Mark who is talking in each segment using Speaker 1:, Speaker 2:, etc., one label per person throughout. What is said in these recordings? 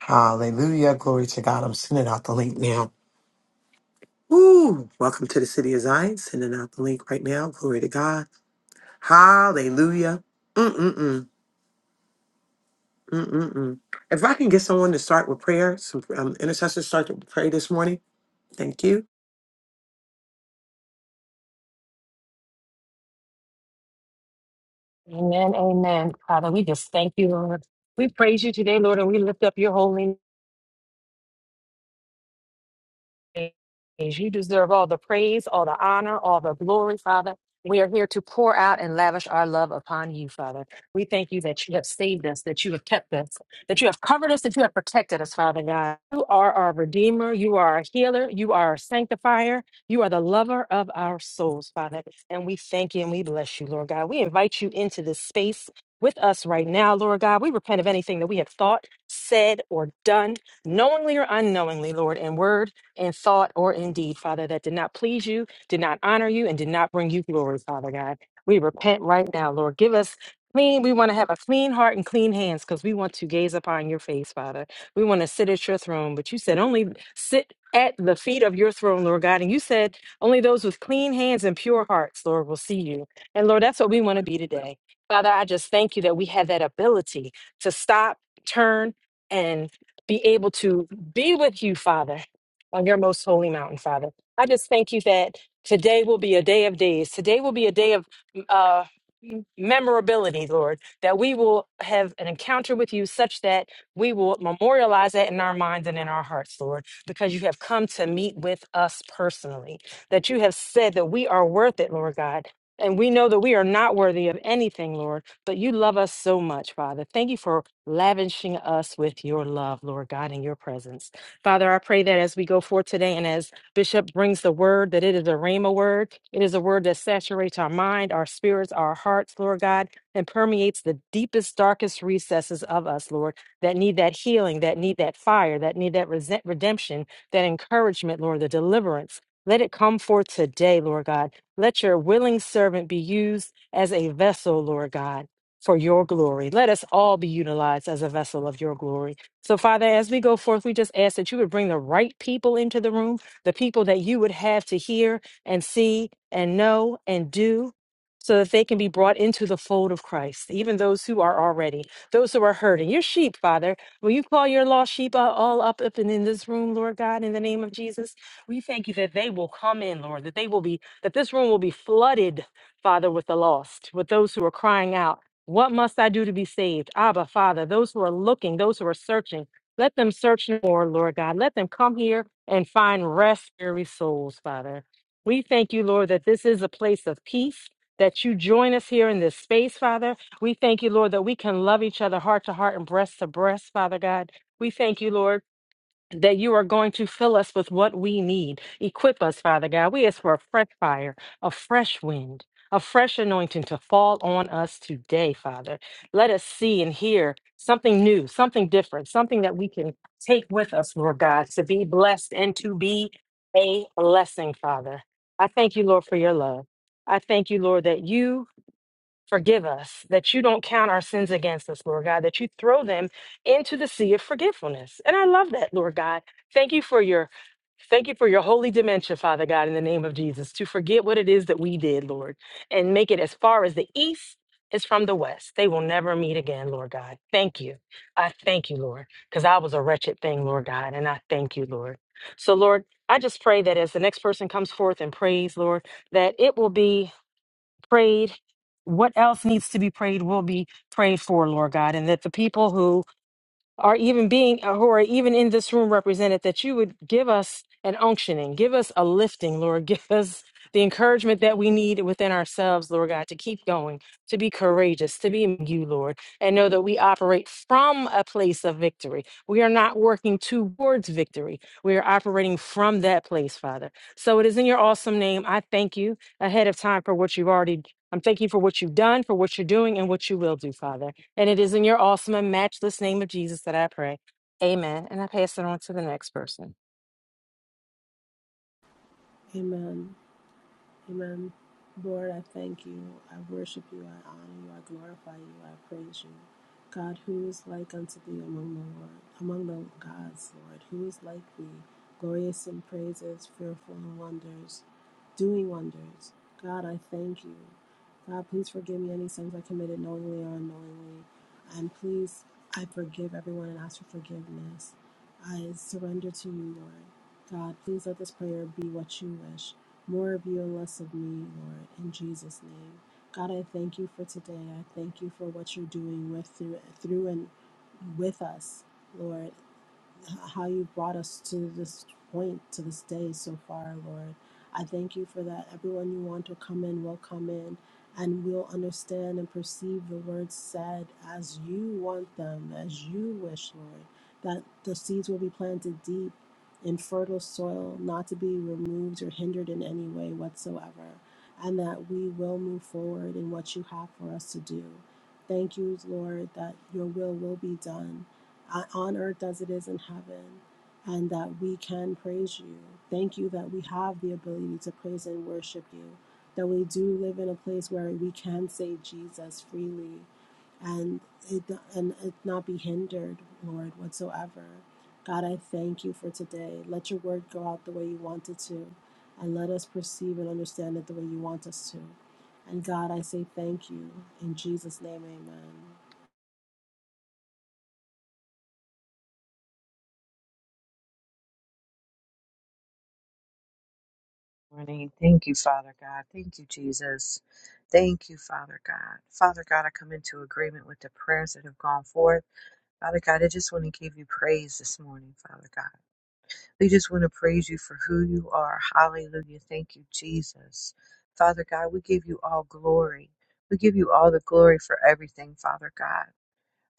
Speaker 1: Hallelujah. Glory to God. I'm sending out the link now. Woo! Welcome to the City of Zion. Sending out the link right now. Glory to God. Hallelujah. Mm-mm-mm. Mm-mm-mm. If I can get someone to start with prayer, some um, intercessors start to pray this morning. Thank you.
Speaker 2: Amen. Amen. Father, we just thank you, Lord. We praise you today, Lord, and we lift up your holy name. You deserve all the praise, all the honor, all the glory, Father. We are here to pour out and lavish our love upon you, Father. We thank you that you have saved us, that you have kept us, that you have covered us, that you have protected us, Father God. You are our Redeemer. You are our healer. You are our sanctifier. You are the lover of our souls, Father. And we thank you and we bless you, Lord God. We invite you into this space with us right now, Lord God. We repent of anything that we have thought, said, or done knowingly or unknowingly, Lord, in word in thought or in deed, Father, that did not please you, did not honor you, and did not bring you glory, Father God. We repent right now, Lord. Give us clean. We want to have a clean heart and clean hands because we want to gaze upon your face, Father. We want to sit at your throne, but you said only sit at the feet of your throne, Lord God. And you said only those with clean hands and pure hearts, Lord, will see you. And Lord, that's what we want to be today. Father, I just thank you that we have that ability to stop, turn, and be able to be with you, Father on your most holy mountain, Father. I just thank you that today will be a day of days. Today will be a day of mm, uh, m- memorability, Lord, that we will have an encounter with you such that we will memorialize that in our minds and in our hearts, Lord, because you have come to meet with us personally, that you have said that we are worth it, Lord God. And we know that we are not worthy of anything, Lord, but you love us so much, Father. Thank you for lavishing us with your love, Lord God, in your presence. Father, I pray that as we go forth today and as Bishop brings the word, that it is a rhema word. It is a word that saturates our mind, our spirits, our hearts, Lord God, and permeates the deepest, darkest recesses of us, Lord, that need that healing, that need that fire, that need that resent- redemption, that encouragement, Lord, the deliverance. Let it come forth today, Lord God. Let your willing servant be used as a vessel, Lord God, for your glory. Let us all be utilized as a vessel of your glory. So, Father, as we go forth, we just ask that you would bring the right people into the room, the people that you would have to hear and see and know and do, so that they can be brought into the fold of Christ, even those who are already, those who are hurting. Your sheep, Father, will you call your lost sheep uh, all up, up and in this room, Lord God, in the name of Jesus? We thank you that they will come in, Lord, that they will be, that this room will be flooded, Father, with the lost, with those who are crying out what must I do to be saved? Abba, Father, those who are looking, those who are searching, let them search no more, Lord God. Let them come here and find rest for their souls, Father. We thank you, Lord, that this is a place of peace, that you join us here in this space, Father. We thank you, Lord, that we can love each other heart to heart and breast to breast, Father God. We thank you, Lord that you are going to fill us with what we need. Equip us, Father God. We ask for a fresh fire, a fresh wind, a fresh anointing to fall on us today, Father. Let us see and hear something new, something different, something that we can take with us, Lord God, to be blessed and to be a blessing, Father. I thank you, Lord, for your love. I thank you, Lord, that you Forgive us that you don't count our sins against us, Lord God, that you throw them into the sea of forgetfulness. And I love that, Lord God. Thank you for your thank you for your holy dementia, Father God, in the name of Jesus, to forget what it is that we did, Lord, and make it as far as the east is from the west. They will never meet again, Lord God. Thank you. I thank you, Lord, because I was a wretched thing, Lord God, and I thank you, Lord. So, Lord, I just pray that as the next person comes forth and prays, Lord, that it will be prayed. What else needs to be prayed will be prayed for, Lord God, and that the people who are even being uh, who are even in this room represented that you would give us an unctioning give us a lifting lord give us the encouragement that we need within ourselves lord god to keep going to be courageous to be in you lord and know that we operate from a place of victory we are not working towards victory we are operating from that place father so it is in your awesome name i thank you ahead of time for what you've already i'm thanking you for what you've done for what you're doing and what you will do father and it is in your awesome and matchless name of Jesus that I pray. Amen. And I pass it on to the next person.
Speaker 3: Amen. Amen. Lord, I thank you. I worship you. I honor you. I glorify you. I praise you. God, who is like unto thee among the Lord, among the gods, Lord? Who is like thee, glorious in praises, fearful in wonders, doing wonders? God, I thank you. God, please forgive me any sins I committed knowingly or unknowingly. And please, I forgive everyone and ask for forgiveness. I surrender to you, Lord. God, please let this prayer be what you wish. More of you and less of me, Lord, in Jesus' name. God, I thank you for today. I thank you for what you're doing with through through and with us, Lord how you brought us to this point, to this day so far, Lord. I thank you for that. Everyone you want to come in will come in and will understand and perceive the words said as you want them, as you wish, Lord. That the seeds will be planted deep in fertile soil, not to be removed or hindered in any way whatsoever, and that we will move forward in what you have for us to do. Thank you, Lord, that your will will be done uh, on earth as it is in heaven, and that we can praise you. Thank you that we have the ability to praise and worship you, that we do live in a place where we can say Jesus freely and it, and it not be hindered, Lord, whatsoever. God, I thank you for today. Let your word go out the way you want it to, and let us perceive and understand it the way you want us to. And God, I say thank you. In Jesus' name, amen.
Speaker 4: morning. Thank you, Father God. Thank you, Jesus. Thank you, Father God. Father God, I come into agreement with the prayers that have gone forth. Father God, I just want to give you praise this morning, Father God. We just want to praise you for who you are. Hallelujah. Thank you, Jesus. Father God, we give you all glory. We give you all the glory for everything, Father God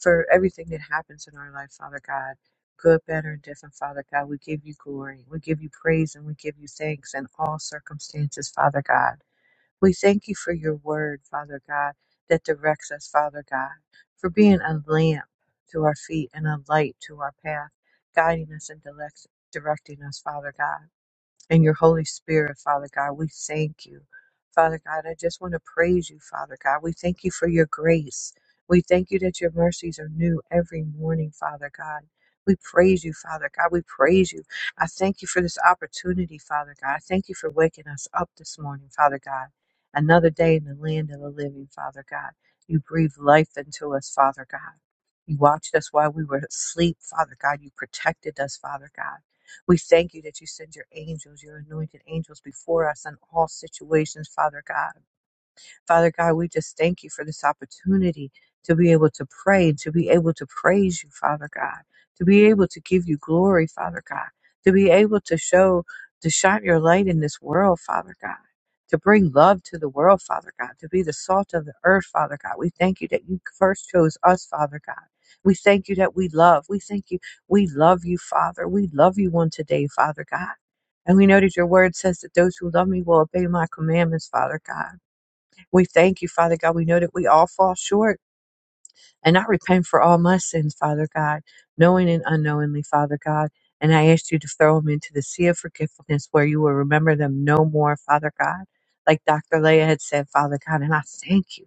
Speaker 4: for everything that happens in our life, Father God. Good, better, and different, Father God. We give you glory. We give you praise and we give you thanks in all circumstances, Father God. We thank you for your word, Father God, that directs us, Father God, for being a lamp to our feet and a light to our path, guiding us and direct- directing us, Father God and your Holy Spirit, Father God. We thank you, Father God. I just want to praise you, Father God. We thank you for your grace. We thank you that your mercies are new every morning, Father God. We praise you, Father God. We praise you. I thank you for this opportunity, Father God. I thank you for waking us up this morning, Father God. Another day in the land of the living, Father God. You breathed life into us, Father God. You watched us while we were asleep, Father God. You protected us, Father God. We thank you that you send your angels, your anointed angels before us in all situations, Father God. Father God, we just thank you for this opportunity to be able to pray, to be able to praise you, Father God, to be able to give you glory, Father God, to be able to show, to shine your light in this world, Father God. To bring love to the world, Father God, to be the salt of the earth, Father God. We thank you that you first chose us, Father God. We thank you that we love. We thank you. We love you, Father. We love you on today, Father God. And we know that your word says that those who love me will obey my commandments, Father God. We thank you, Father God. We know that we all fall short. And I repent for all my sins, Father God, knowing and unknowingly, Father God. And I ask you to throw them into the sea of forgiveness where you will remember them no more, Father God. Like Dr. Leah had said, Father God. And I thank you.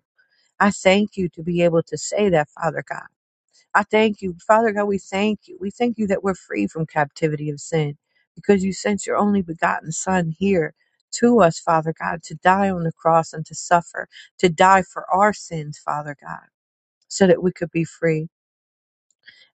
Speaker 4: I thank you to be able to say that, Father God. I thank you. Father God, we thank you. We thank you that we're free from captivity of sin because you sent your only begotten Son here to us, Father God, to die on the cross and to suffer, to die for our sins, Father God, so that we could be free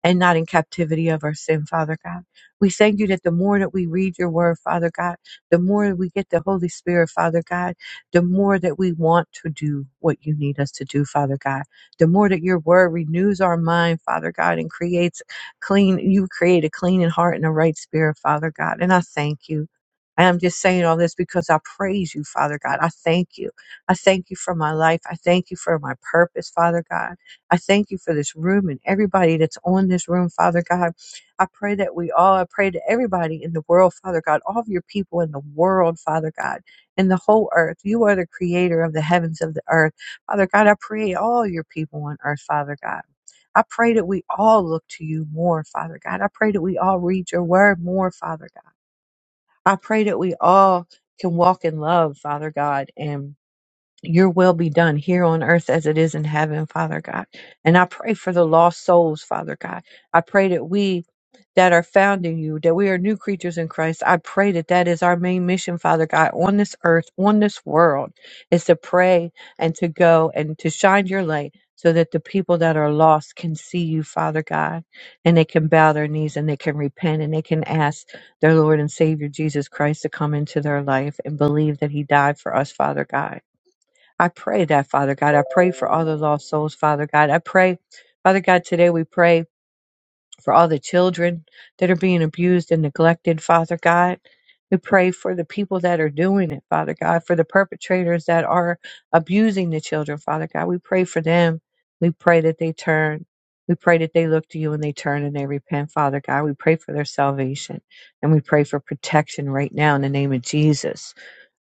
Speaker 4: and not in captivity of our sin, Father God. We thank you that the more that we read your word, Father God, the more we get the Holy Spirit, Father God, the more that we want to do what you need us to do, Father God. The more that your word renews our mind, Father God, and creates clean, you create a clean in heart and a right spirit, Father God. And I thank you. And I'm just saying all this because I praise you, Father God. I thank you. I thank you for my life. I thank you for my purpose, Father God. I thank you for this room and everybody that's on this room, Father God. I pray that we all, I pray to everybody in the world, Father God, all of your people in the world, Father God, in the whole earth. You are the creator of the heavens of the earth. Father God, I pray all your people on earth, Father God. I pray that we all look to you more, Father God. I pray that we all read your word more, Father God. I pray that we all can walk in love, Father God, and your will be done here on earth as it is in heaven, Father God. And I pray for the lost souls, Father God. I pray that we that are found in you, that we are new creatures in Christ. I pray that that is our main mission, Father God, on this earth, on this world, is to pray and to go and to shine your light so that the people that are lost can see you, Father God, and they can bow their knees and they can repent and they can ask their Lord and Savior Jesus Christ to come into their life and believe that he died for us, Father God I pray that, Father God. I pray for all the lost souls, Father God. I pray, Father God, today we pray for all the children that are being abused and neglected, Father God. We pray for the people that are doing it, Father God, for the perpetrators that are abusing the children, Father God. We pray for them. We pray that they turn. We pray that they look to you and they turn and they repent, Father God. We pray for their salvation and we pray for protection right now in the name of Jesus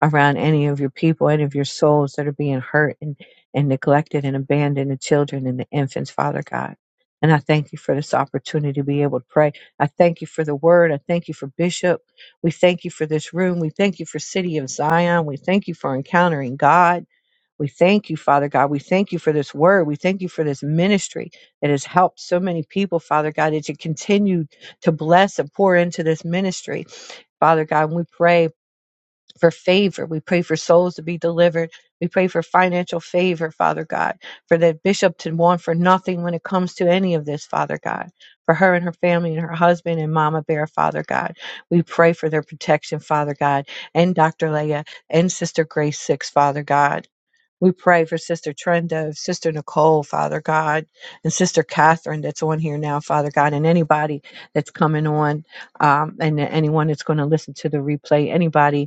Speaker 4: around any of your people, any of your souls that are being hurt and, and neglected and abandoned, the children and the infants, Father God. And I thank you for this opportunity to be able to pray. I thank you for the word. I thank you for Bishop. We thank you for this room. We thank you for City of Zion. We thank you for encountering God. We thank you, Father God. We thank you for this word. We thank you for this ministry that has helped so many people, Father God, that you continue to bless and pour into this ministry. Father God, and we pray for favor. We pray for souls to be delivered. We pray for financial favor, Father God, for the bishop to want for nothing when it comes to any of this, Father God, for her and her family and her husband and Mama Bear, Father God. We pray for their protection, Father God, and Dr. Leah and Sister Grace Six, Father God. We pray for Sister Trenda, Sister Nicole, Father God, and Sister Catherine that's on here now, Father God, and anybody that's coming on, um, and anyone that's going to listen to the replay, anybody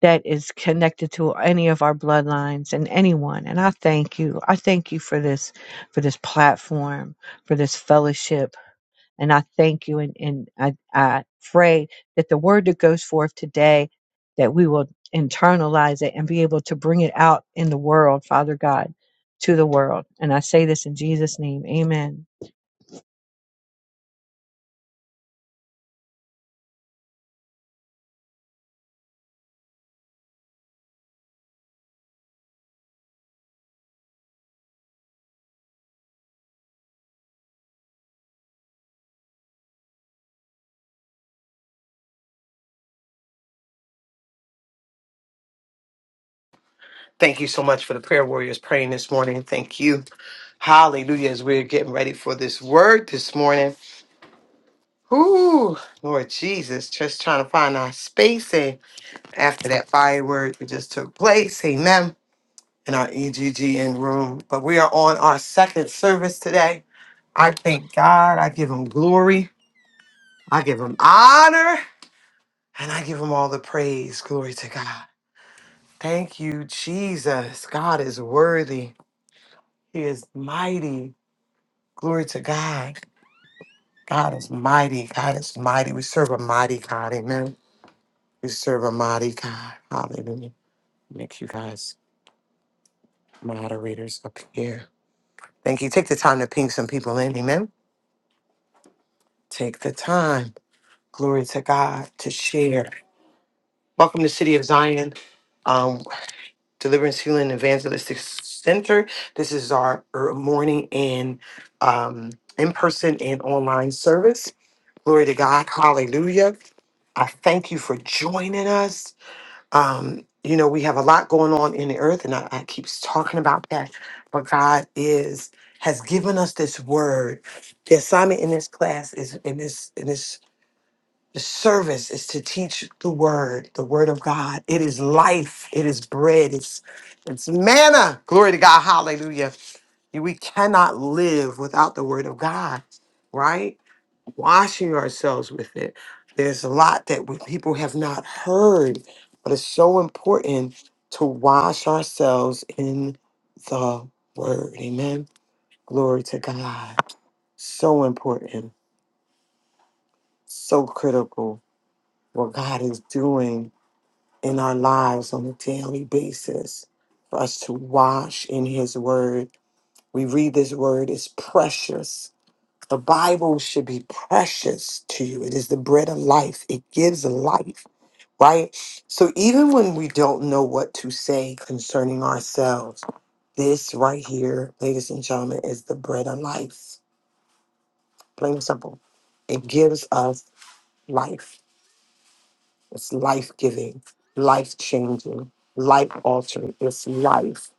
Speaker 4: that is connected to any of our bloodlines and anyone. And I thank you. I thank you for this, for this platform, for this fellowship. And I thank you. And, and I, I pray that the word that goes forth today, that we will internalize it and be able to bring it out in the world, Father God, to the world. And I say this in Jesus' name. Amen.
Speaker 1: Thank you so much for the prayer warriors praying this morning. Thank you. Hallelujah. As we're getting ready for this word this morning. Ooh, Lord Jesus, just trying to find our space. And after that fire word that just took place, amen. in our EGGN room. But we are on our second service today. I thank God. I give him glory. I give him honor. And I give him all the praise. Glory to God. Thank you, Jesus. God is worthy. He is mighty. Glory to God. God is mighty. God is mighty. We serve a mighty God. Amen. We serve a mighty God. Hallelujah. Make you guys moderators up here. Thank you. Take the time to ping some people in. Amen. Take the time. Glory to God to share. Welcome to City of Zion, um, Deliverance, Healing, Evangelistic Center. This is our er, morning and um, in person and online service. Glory to God. Hallelujah. I thank you for joining us. Um, you know, we have a lot going on in the earth, and I, I keep talking about that. But God is has given us this word. The assignment in this class is in this in this the service is to teach the word, the word of God. It is life. It is bread. It's it's manna. Glory to God. Hallelujah. We cannot live without the word of God, right? Washing ourselves with it. There's a lot that we, people have not heard, but it's so important to wash ourselves in the word. Amen. Glory to God so important, so critical what God is doing. in our lives on a daily basis for us to wash in his word. We read this word is precious. The Bible should be precious to you. It is the bread of life. It gives life, right? So even when we don't know what to say concerning ourselves, this right here, ladies and gentlemen, is the bread of life. Plain and simple. It gives us life. It's life giving, life changing, life altering. It's life.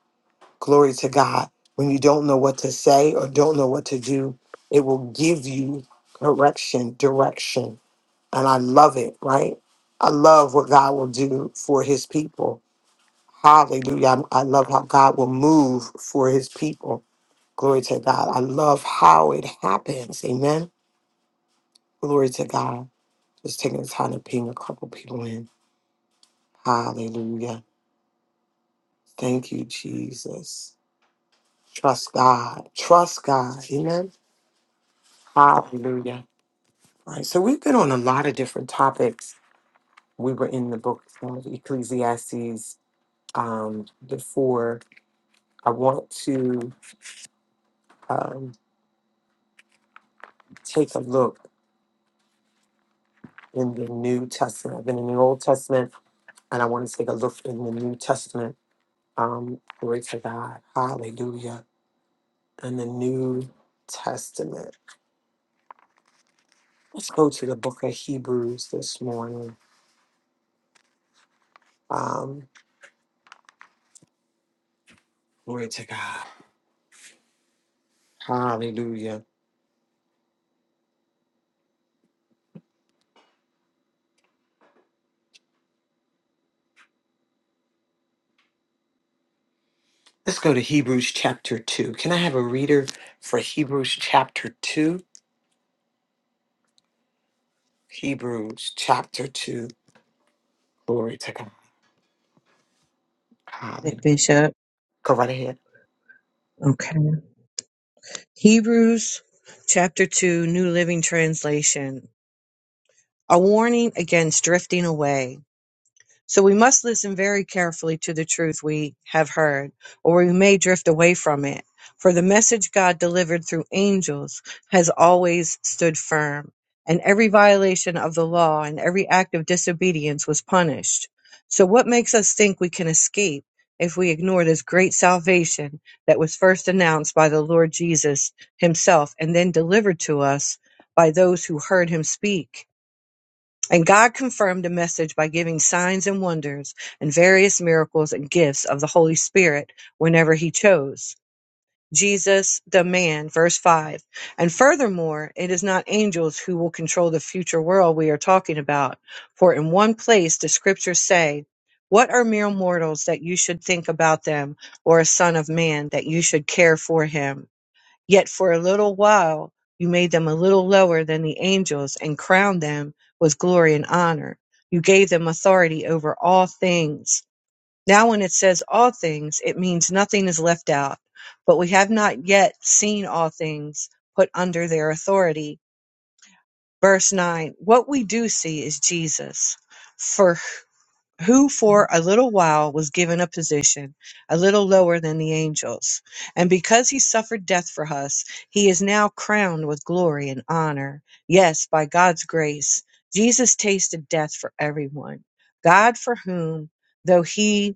Speaker 1: Glory to God. When you don't know what to say or don't know what to do, it will give you correction, direction. And I love it, right? I love what God will do for his people. Hallelujah. I'm- I love how God will move for his people. Glory to God. I love how it happens. Amen. Glory to God. Just taking the time to ping a couple people in. Hallelujah. Thank you, Jesus. Trust God. Trust God. Amen. Hallelujah. Right. So we've been on a lot of different topics. We were in the book of Ecclesiastes um, before. I want to um, take a look in the New Testament. I've been in the Old Testament, and I want to take a look in the New Testament. Um, glory to God. Hallelujah. And the New Testament. Let's go to the book of Hebrews this morning. Um, glory to God. Hallelujah. Let's go to Hebrews chapter 2. Can I have a reader for Hebrews chapter 2? Hebrews chapter 2. Glory to God.
Speaker 4: Hey,
Speaker 1: Hallelujah.
Speaker 4: Bishop.
Speaker 1: Go right ahead.
Speaker 4: Okay. Hebrews chapter 2, New Living Translation. A warning against drifting away. So we must listen very carefully to the truth we have heard, or we may drift away from it. For the message God delivered through angels has always stood firm, and every violation of the law and every act of disobedience was punished. So what makes us think we can escape if we ignore this great salvation that was first announced by the Lord Jesus himself and then delivered to us by those who heard him speak? And God confirmed the message by giving signs and wonders and various miracles and gifts of the Holy Spirit whenever he chose. Jesus, the man, verse 5. And furthermore, it is not angels who will control the future world we are talking about. For in one place the scriptures say, What are mere mortals that you should think about them, or a son of man that you should care for him? Yet for a little while you made them a little lower than the angels and crowned them with glory and honor. You gave them authority over all things. Now, when it says all things, it means nothing is left out. But we have not yet seen all things put under their authority. Verse 9 What we do see is Jesus. For who for a little while was given a position a little lower than the angels. And because he suffered death for us, he is now crowned with glory and honor. Yes, by God's grace, Jesus tasted death for everyone. God, for whom, though he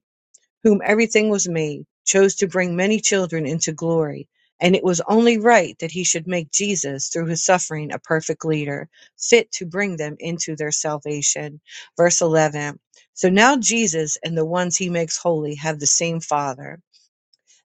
Speaker 4: whom everything was made, chose to bring many children into glory, and it was only right that he should make Jesus, through his suffering, a perfect leader, fit to bring them into their salvation. Verse 11 So now Jesus and the ones he makes holy have the same Father.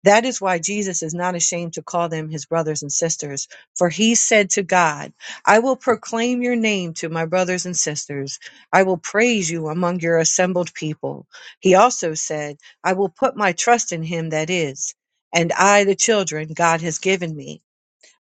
Speaker 4: That is why Jesus is not ashamed to call them his brothers and sisters, for he said to God, I will proclaim your name to my brothers and sisters. I will praise you among your assembled people. He also said, I will put my trust in him that is, and I, the children God has given me.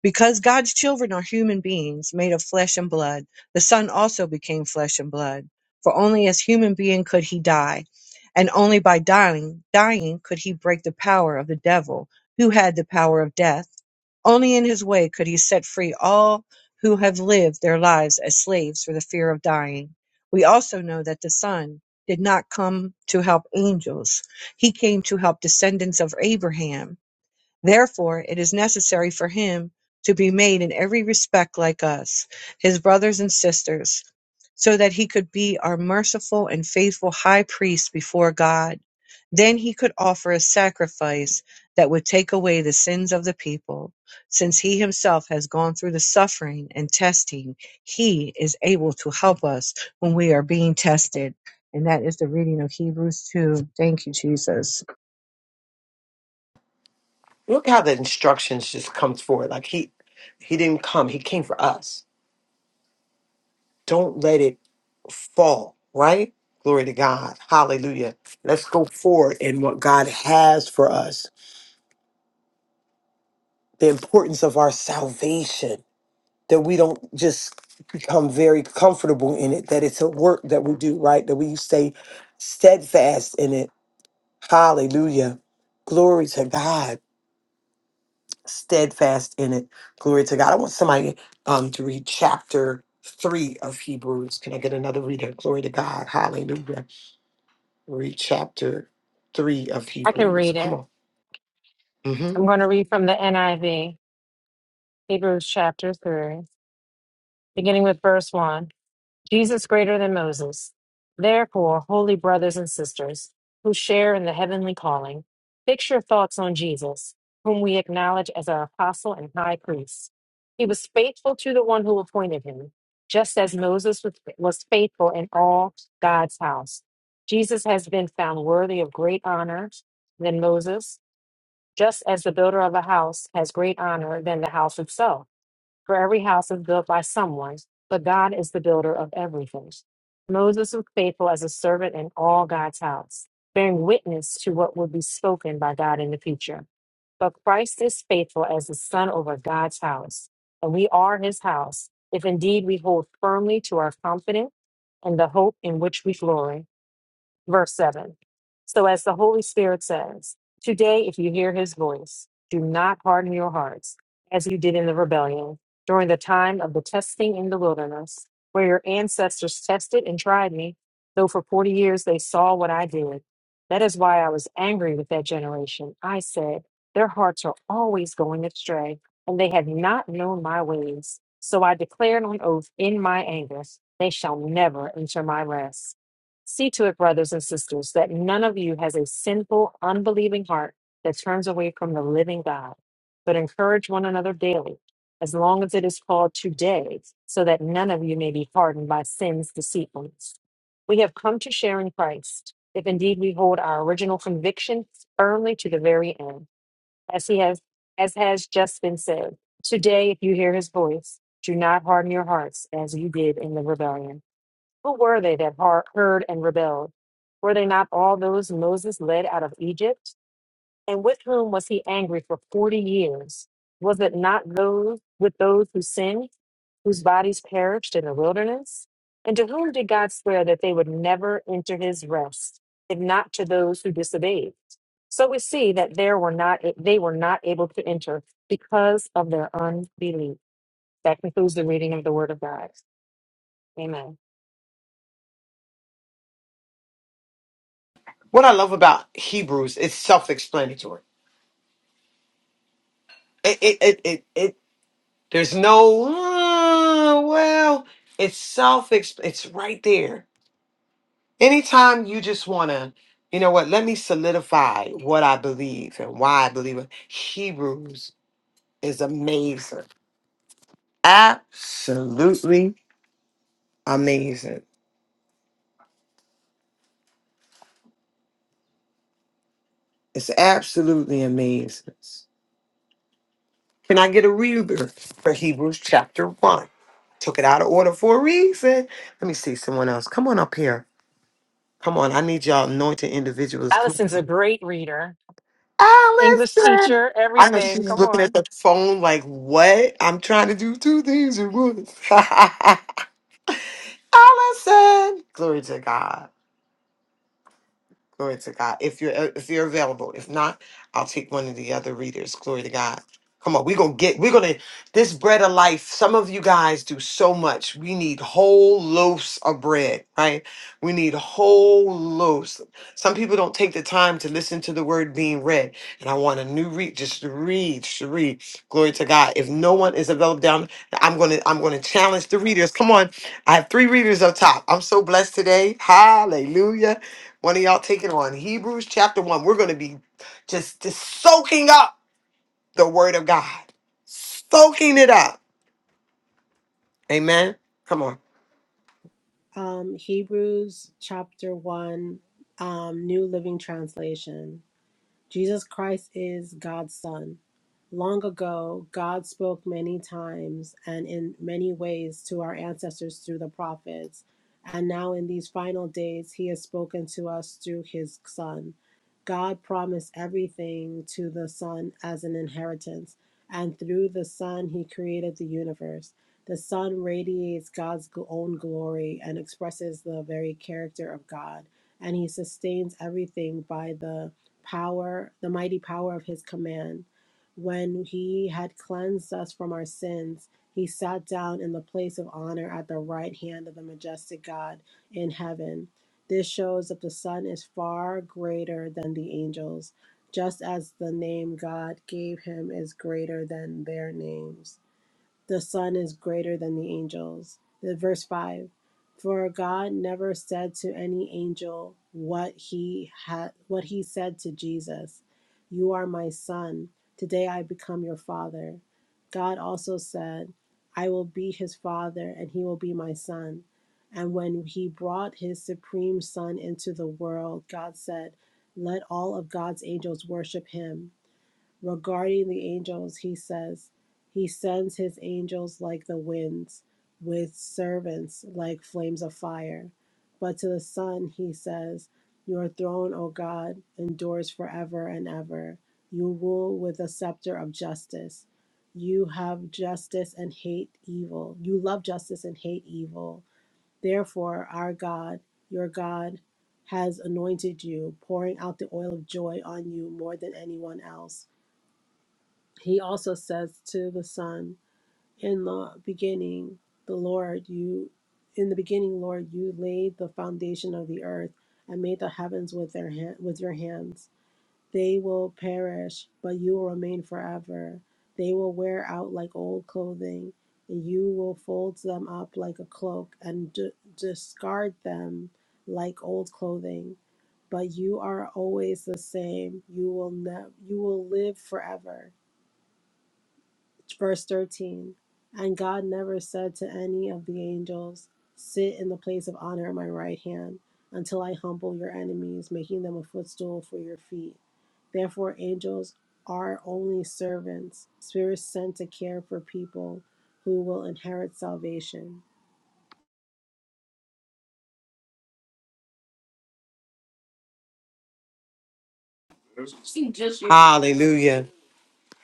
Speaker 4: Because God's children are human beings made of flesh and blood, the Son also became flesh and blood. For only as human being could he die, and only by dying, dying could he break the power of the devil, who had the power of death. Only in his way could he set free all who have lived their lives as slaves for the fear of dying. We also know that the Son did not come to help angels. He came to help descendants of Abraham Therefore it is necessary for him to be made in every respect like us, his brothers and sisters, so that he could be our merciful and faithful high priest before God. Then he could offer a sacrifice that would take away the sins of the people. Since he himself has gone through the suffering and testing, he is able to help us when we are being tested. And that is the reading of Hebrews 2. Thank you, Jesus.
Speaker 1: Look how the instructions just comes forward. Like he he didn't come. He came for us. Don't let it fall, right? Glory to God. Hallelujah. Let's go forward in what God has for us. The importance of our salvation. that we don't just become very comfortable in it, that it's a work that we do, right? That we stay steadfast in it. Hallelujah. Glory to God. Steadfast in it. Glory to God. I want somebody um, to read chapter three of Hebrews. Can I get another reader? Glory to God. Hallelujah. Read chapter three of
Speaker 2: I can
Speaker 1: Hebrews.
Speaker 2: read
Speaker 1: Come
Speaker 2: it.
Speaker 1: on. hmm
Speaker 2: I'm going to read from the NIV, Hebrews chapter 3, beginning with verse 1. Jesus greater than Moses. Therefore, holy brothers and sisters, who share in the heavenly calling, fix your thoughts on Jesus, whom we acknowledge as our apostle and high priest. He was faithful to the one who appointed him, just as Moses was was faithful in all God's house. Jesus has been found worthy of great honor than Moses, just as the builder of a house has great honor than the house itself. For every house is built by someone, but God is the builder of everything. Moses was faithful as a servant in all God's house, bearing witness to what would be spoken by God in the future. But Christ is faithful as the Son over God's house, and we are his house, if indeed we hold firmly to our confidence and the hope in which we glory verse 7. So, as the Holy Spirit says, today, if you hear his voice, do not harden your hearts as you did in the rebellion during the time of the testing in the wilderness, where your ancestors tested and tried me, though for 40 years they saw what I did. That is why I was angry with that generation. I said, Their hearts are always going astray, and they have not known my ways. So I declared on oath in my anger, They shall never enter my rest. See to it, brothers and sisters, that none of you has a sinful, unbelieving heart that turns away from the living God, but encourage one another daily, as long as it is called today, so that none of you may be hardened by sin's deceitfulness. We have come to share in Christ, if indeed we hold our original conviction firmly to the very end, as he has as has just been said. Today, if you hear his voice, do not harden your hearts as you did in the rebellion. Who were they that har- heard and rebelled? Were they not all those Moses led out of Egypt? And with whom was he angry for 40 years? Was it not those with those who sinned, whose bodies perished in the wilderness? And to whom did God swear that they would never enter his rest, if not to those who disobeyed? So we see that there were not they were not able to enter because of their unbelief. That concludes the reading of the word of God. Amen.
Speaker 1: What I love about Hebrews, it's self explanatory. It it it it. it There's no "Uh, well, it's self it's right there. Anytime you just want to, you know what, let me solidify what I believe and why I believe it. Hebrews is amazing. Absolutely amazing. It's absolutely amazing. Can I get a reader for Hebrews chapter 1? Took it out of order for a reason. Let me see someone else. Come on up here. Come on. I need y'all anointed individuals. Come on.
Speaker 2: Allison's a great reader. English
Speaker 1: Allison.
Speaker 2: teacher,
Speaker 1: I know she
Speaker 2: everything.
Speaker 1: was
Speaker 2: Come
Speaker 1: looking at
Speaker 2: on.
Speaker 1: the phone like, what? I'm trying to do two things at once. Allison. Glory to God. Glory to God. If you're uh, if you're available, if not, I'll take one of the other readers. Glory to God. Come on, we're gonna get we're gonna this bread of life. Some of you guys do so much. We need whole loaves of bread, right? We need whole loaves. Some people don't take the time to listen to the word being read. And I want a new read, just to read, just to read. Glory to God. If no one is available down, I'm gonna I'm gonna challenge the readers. Come on. I have three readers up top. I'm so blessed today. Hallelujah. One of y'all taking on Hebrews chapter 1. We're going to be just, just soaking up the word of God, soaking it up. Amen. Come on.
Speaker 3: Um, Hebrews chapter 1, um, New Living Translation. Jesus Christ is God's Son. Long ago, God spoke many times and in many ways to our ancestors through the prophets. And now, in these final days, He has spoken to us through His Son. God promised everything to the Son as an inheritance, and through the Son, He created the universe. The Son radiates God's own glory and expresses the very character of God, and He sustains everything by the power, the mighty power of His command when he had cleansed us from our sins, he sat down in the place of honor at the right hand of the majestic God in heaven. This shows that the Son is far greater than the angels, just as the name God gave him is greater than their names the Son is greater than the angels. The verse 5 For God never said to any angel what he had what he said to Jesus, You are my son, today I become your father. God also said, I will be his father and he will be my son. And when he brought his supreme son into the world, God said, Let all of God's angels worship him regarding the angels, he says, He sends his angels like the winds, with servants like flames of fire. But to the Son, he says, Your throne, O God, endures forever and ever. You rule with a scepter of justice. You have justice and hate evil. You love justice and hate evil. Therefore, our God, your God, has anointed you, pouring out the oil of joy on you more than anyone else he also says to the Son, In the beginning, the Lord, you, in the beginning, Lord, you laid the foundation of the earth and made the heavens with, their hand, with your hands. They will perish, but you will remain forever. They will wear out like old clothing, and you will fold them up like a cloak and d- discard them like old clothing. But you are always the same. You will ne- you will live forever. Verse 13 And God never said to any of the angels, Sit in the place of honor at my right hand until I humble your enemies, making them a footstool for your feet. Therefore, angels are only servants, spirits sent to care for people who will inherit salvation.
Speaker 1: Hallelujah.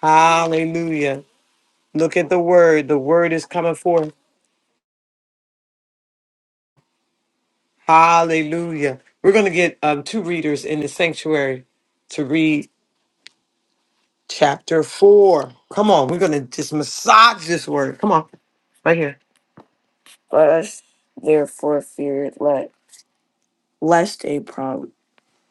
Speaker 1: Hallelujah. Look at the word. The word is coming forth. Hallelujah. We're going to get um, two readers in the sanctuary to read chapter 4. Come on. We're going to just massage this word. Come on. Right here. Let us therefore fear it, let lest a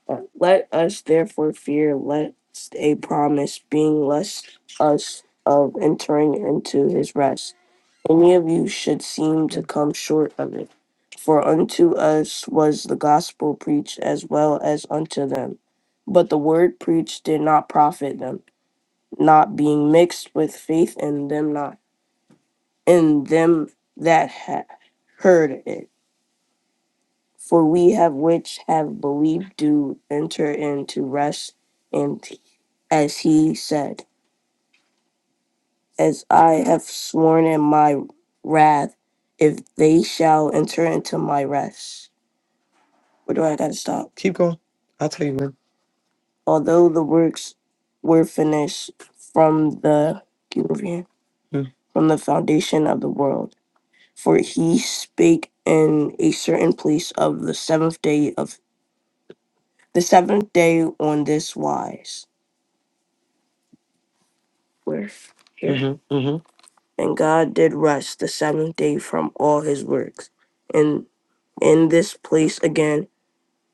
Speaker 1: Uh, Let us therefore fear lest a promise being lest us of entering into his rest. Any of you should seem to come short of it. For unto us was the gospel preached as well as unto them. But the word preached did not profit them, not being mixed with faith in them not in them that had heard it. For we have which have believed do enter into rest, and as he said, As I have sworn in my wrath, if they shall enter into my rest. Where do I gotta stop? Keep going. I'll tell you when. Although the works were finished from the keep over here, Mm. from the foundation of the world, for he spake in a certain place of the seventh day of the seventh day on this wise. Where? Here. hmm hmm And God did rest the seventh day from all his works. And in this place again,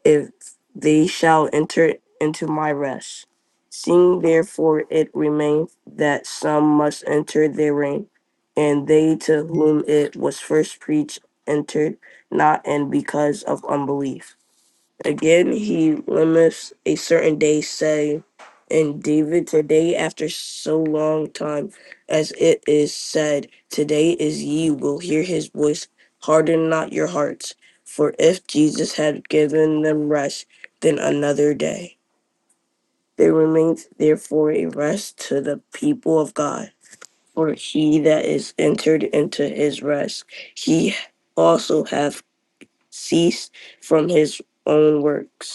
Speaker 1: if they shall enter into my rest. Seeing therefore it remains that some must enter therein, and they to whom it was first preached entered not, and because of unbelief. Again, he limits a certain day, say, in David, today after so long time, as it is said, today is ye will hear his voice, harden not your hearts. For if Jesus had given them rest, then another day. There remains therefore a rest to the people of God. For he that is entered into his rest, he also hath ceased from his own works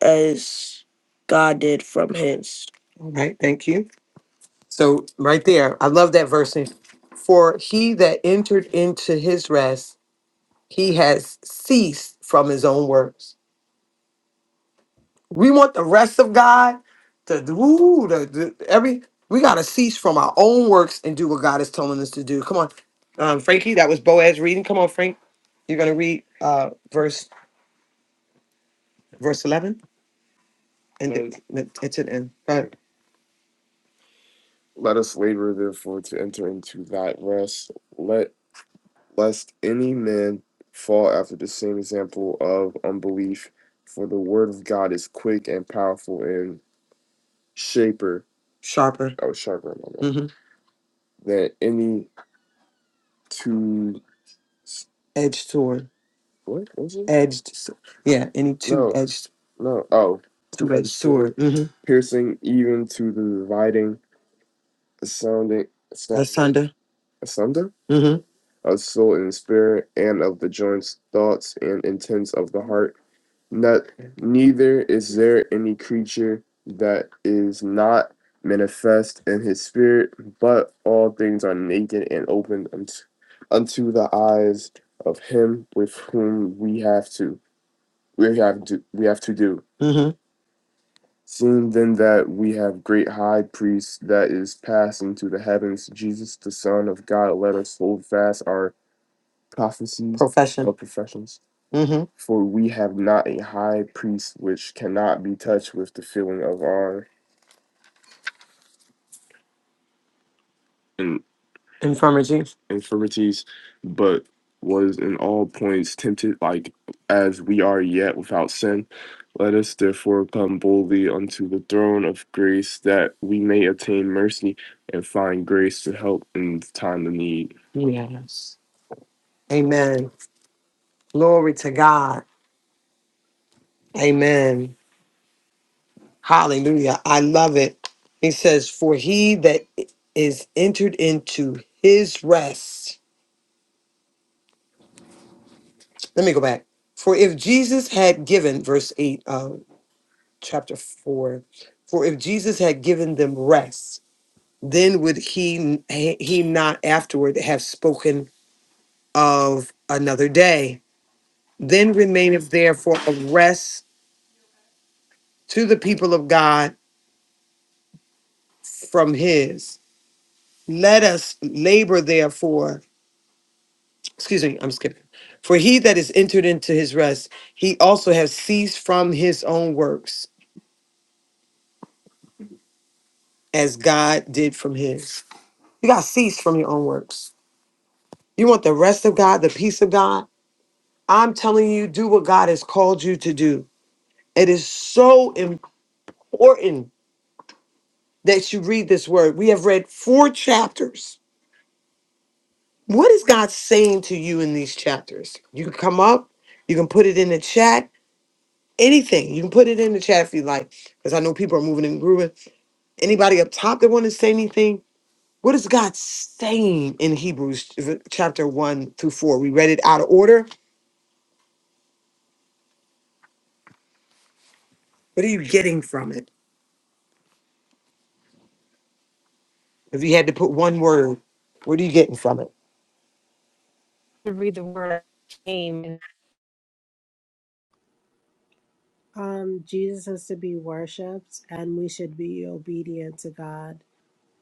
Speaker 1: as God did from his. All right, thank you. So right there, I love that verse. For he that entered into his rest, he has ceased from his own works. We want the rest of God to do ooh, the, the- every. We gotta cease from our own works and do what God is telling us to do. Come on, um, Frankie. That was Boaz reading. Come on, Frank. You're gonna read uh, verse verse eleven and it, it's an end. Let us labor therefore to enter into that rest. Let lest any man fall after the same example of unbelief, for the word of God is quick and powerful and shaper. Sharper. Oh, sharper. My bad. Mm-hmm. Than any two. Edged sword. What was it? Edged. s- Yeah. Any two No, edged, no. Oh, two two edged edged sword, sword. Mm-hmm. piercing even to the dividing. sounding That's sounding Sunday. asunder, hmm of soul and spirit, and of the joints, thoughts, and intents of the heart. Not neither is there any creature that is not manifest in his spirit, but all things are naked and open unto, unto the eyes of him with whom we have to we have to we have to do. Seeing then that we have great high priest that is passed into the heavens, Jesus the Son of God, let us hold fast our prophecies Profession. or professions. hmm For we have not a high priest which cannot be touched with the feeling of our infirmities. infirmities, but was in all points tempted like as we are yet without sin. Let us therefore come boldly unto the throne of grace that we may obtain mercy and find grace to help in time of need. Yes. Amen. Glory to God. Amen. Hallelujah. I love it. He says, For he that is entered into his rest. let me go back. For if Jesus had given, verse 8, uh, chapter 4, for if Jesus had given them rest, then would he he not afterward have spoken of another day? Then remaineth therefore a rest to the people of God from his. Let us labor therefore. Excuse me, I'm skipping. For he that is entered into his rest, he also has ceased from his own works, as God did from his. You got to cease from your own works. You want the rest of God, the peace of God. I'm telling you, do what God has called you to do. It is so important that you read this word. We have read four chapters. What is God saying to you in these chapters? You can come up, you can put it in the chat, anything. You can put it in the chat if you like, because I know people are moving and grooving. Anybody up top that want to say anything? What is God saying in Hebrews uh, chapter 1 through 4? We read it out of order What are you getting from it? If you had to put one word, what are you getting from it?
Speaker 2: To read the word came. and
Speaker 3: Um, Jesus is to be worshipped, and we should be obedient to God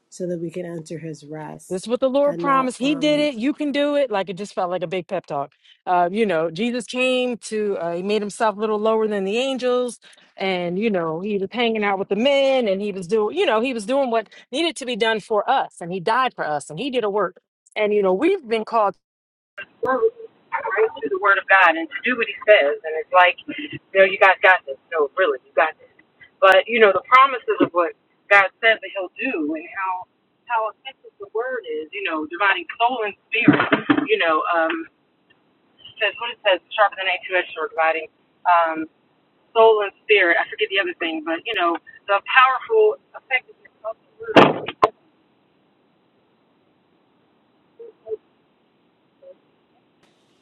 Speaker 3: so that we can enter His
Speaker 2: This
Speaker 3: rest
Speaker 2: is what the Lord
Speaker 3: and not.
Speaker 2: promised. He did
Speaker 3: Um,
Speaker 2: it. You can do it. Like it just felt like a big pep talk. Uh, you know, Jesus came to, uh, he made himself a little lower than the angels. And, you know, he was hanging out with the men and he was doing, you know, he was doing what needed to be done for us. And he died for us and he did a work. And, you know, we've been called. Right? To the word of God and to do what he says. And it's like, you know, you guys got this. No, really, you got this. But, you know, the promises of what God says that he'll do and how how effective the word is, you know, dividing soul and spirit, you know, um says what it says, sharper than a two edged sword, dividing um soul and spirit. I forget the other thing, but you know, the powerful effectiveness of the word.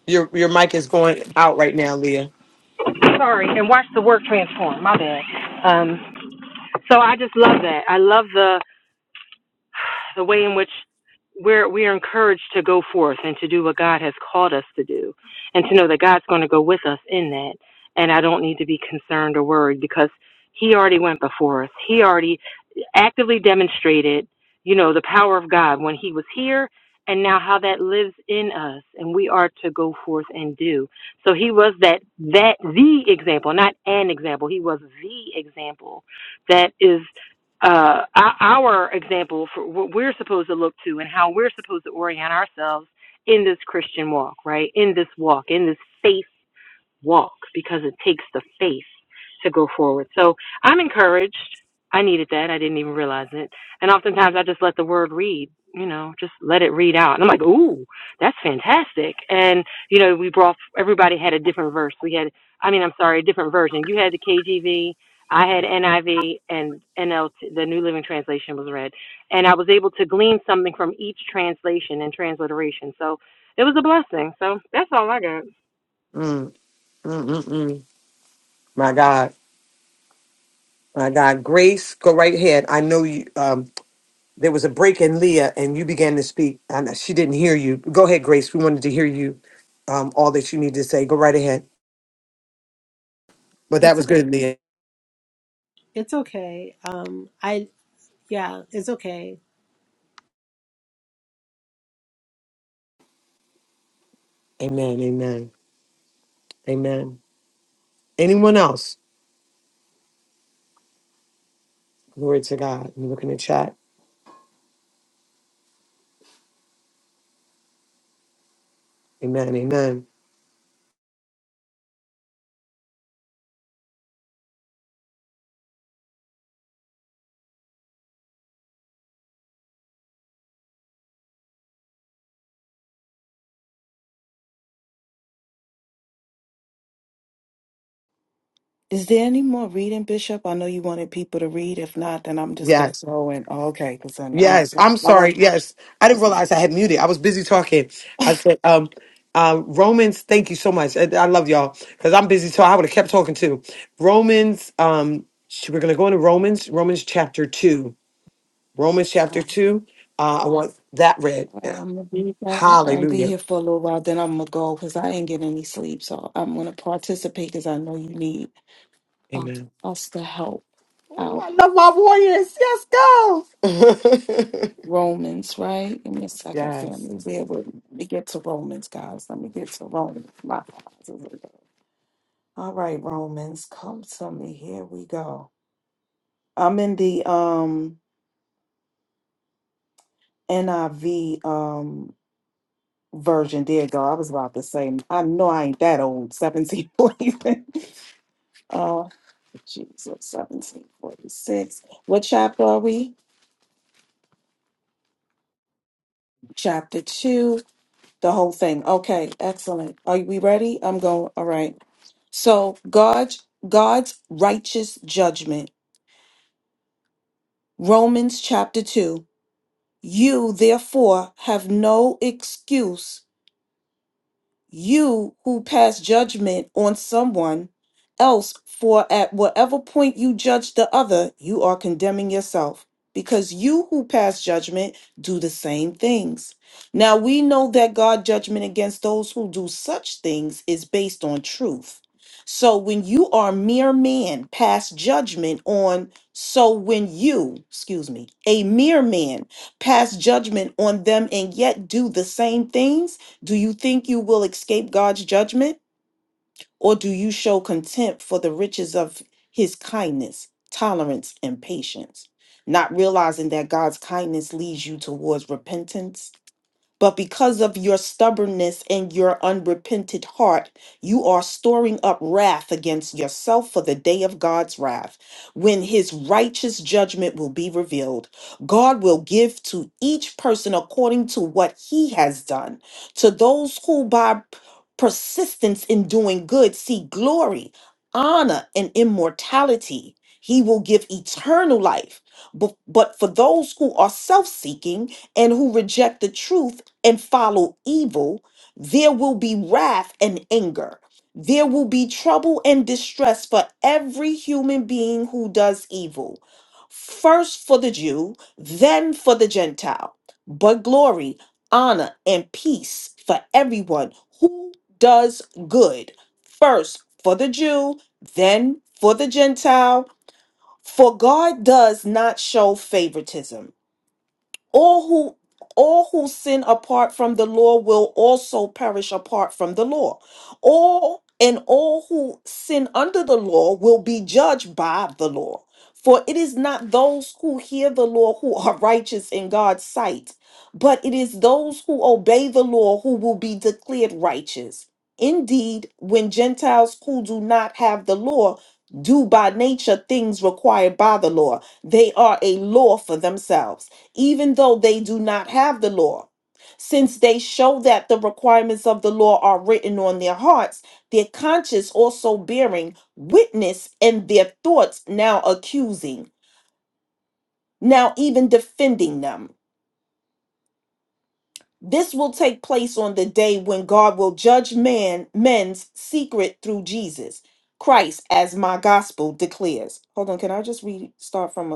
Speaker 1: Your your mic is going out right now, Leah.
Speaker 2: Sorry, and watch the work transform, my bad. Um so I just love that. I love the the way in which we're we're encouraged to go forth and to do what God has called us to do, and to know that God's going to go with us in that. And I don't need to be concerned or worried because He already went before us. He already actively demonstrated, you know, the power of God when he was here and now how that lives in us and we are to go forth and do. So he was that that the example, not an example. He was the example that is uh our our example for what we're supposed to look to and how we're supposed to orient ourselves in this Christian walk, right? In this walk, in this faith walk because it takes the faith to go forward. So I'm encouraged. I needed that. I didn't even realize it. And oftentimes I just let the word read, you know, just let it read out. And I'm like, ooh, that's fantastic. And, you know, we brought, everybody had a different verse. We had, I mean, I'm sorry, a different version. You had the KGV. I had NIV and NLT, the New Living Translation was read. And I was able to glean something from each translation and transliteration. So it was a blessing. So that's all I
Speaker 1: Mm, mm, mm, mm. My God, my God, Grace, go right ahead. I know you. Um, there was a break in Leah, and you began to speak, and she didn't hear you. Go ahead, Grace. We wanted to hear you. Um, all that you need to say. Go right ahead. But that
Speaker 3: it's
Speaker 1: was good, Leah.
Speaker 3: it's okay. Um, I Yeah, it's okay.
Speaker 1: Amen. Amen. Amen. Anyone else? Glory to God. You look in the chat. Amen. Amen.
Speaker 5: Is there any more reading, Bishop? I know you wanted people to read. If not, then I'm just gonna
Speaker 1: Yes.
Speaker 5: go in. Oh, okay, because then um,
Speaker 1: Yes, I'm
Speaker 5: I
Speaker 1: sorry.
Speaker 5: want.
Speaker 1: Yes, I didn't realize I had muted. I was busy talking. I said, um, uh, Romans, thank you so much. I, I love y'all because I'm busy, so I would have kept talking too. Romans, um, sh- we're going to go into Romans, Romans chapter 2. Romans chapter
Speaker 5: All
Speaker 1: 2. Uh, I want that read.
Speaker 5: right,
Speaker 1: Yeah.
Speaker 5: I'm gonna be back. I'm be
Speaker 1: Hallelujah.
Speaker 5: here for a little while. Then I'm gonna go because I ain't getting any sleep. So I'm gonna participate because I know you need uh,
Speaker 1: Amen.
Speaker 5: us to help
Speaker 1: Oh,
Speaker 5: out.
Speaker 1: I love my warriors. Yes, go.
Speaker 5: Romans, right? Give me a second,
Speaker 1: yes.
Speaker 5: family. Where would- Let me get to Romans, guys. Let me get to Romans. My All right, Romans, come to me. Here we go. I'm in the um NIV um version. There you go. I was about to say, I know I ain't that old. 1747. uh Jesus, 1746. What chapter are we? Chapter two, the whole thing. Okay, excellent. Are we ready? I'm going. All right. So God's God's righteous judgment. Romans chapter 2. You therefore have no excuse you who pass judgment on someone else, for at whatever point you judge the other, you are condemning yourself, because you who pass judgment do the same things. Now we know that God's judgment against those who do such things is based on truth. So when you are mere man, pass judgment on. So when you, excuse me, a mere man, pass judgment on them and yet do the same things, do you think you will escape God's judgment, or do you show contempt for the riches of his kindness, tolerance, and patience, not realizing that God's kindness leads you towards repentance? But because of your stubbornness and your unrepented heart, you are storing up wrath against yourself for the day of God's wrath, when his righteous judgment will be revealed. God will give to each person according to what he has done. To those who by persistence in doing good see glory, honor, and immortality, he will give eternal life. But, but for those who are self seeking, and who reject the truth and follow evil, there will be wrath and anger. There will be trouble and distress for every human being who does evil. First for the Jew, then for the Gentile. But glory, honor, and peace for everyone who does good. First for the Jew, then for the Gentile. For God does not show favoritism all who all who sin apart from the law will also perish apart from the law all and all who sin under the law will be judged by the law for it is not those who hear the law who are righteous in God's sight but it is those who obey the law who will be declared righteous indeed when gentiles who do not have the law do by nature things required by the law they are a law for themselves even though they do not have the law. Since they show that the requirements of the law are written on their hearts, their conscience also bearing witness and their thoughts now accusing, now even defending them. This will take place on the day when God will judge man men's secret through Jesus Christ, as my gospel declares. Hold on, can I just restart from a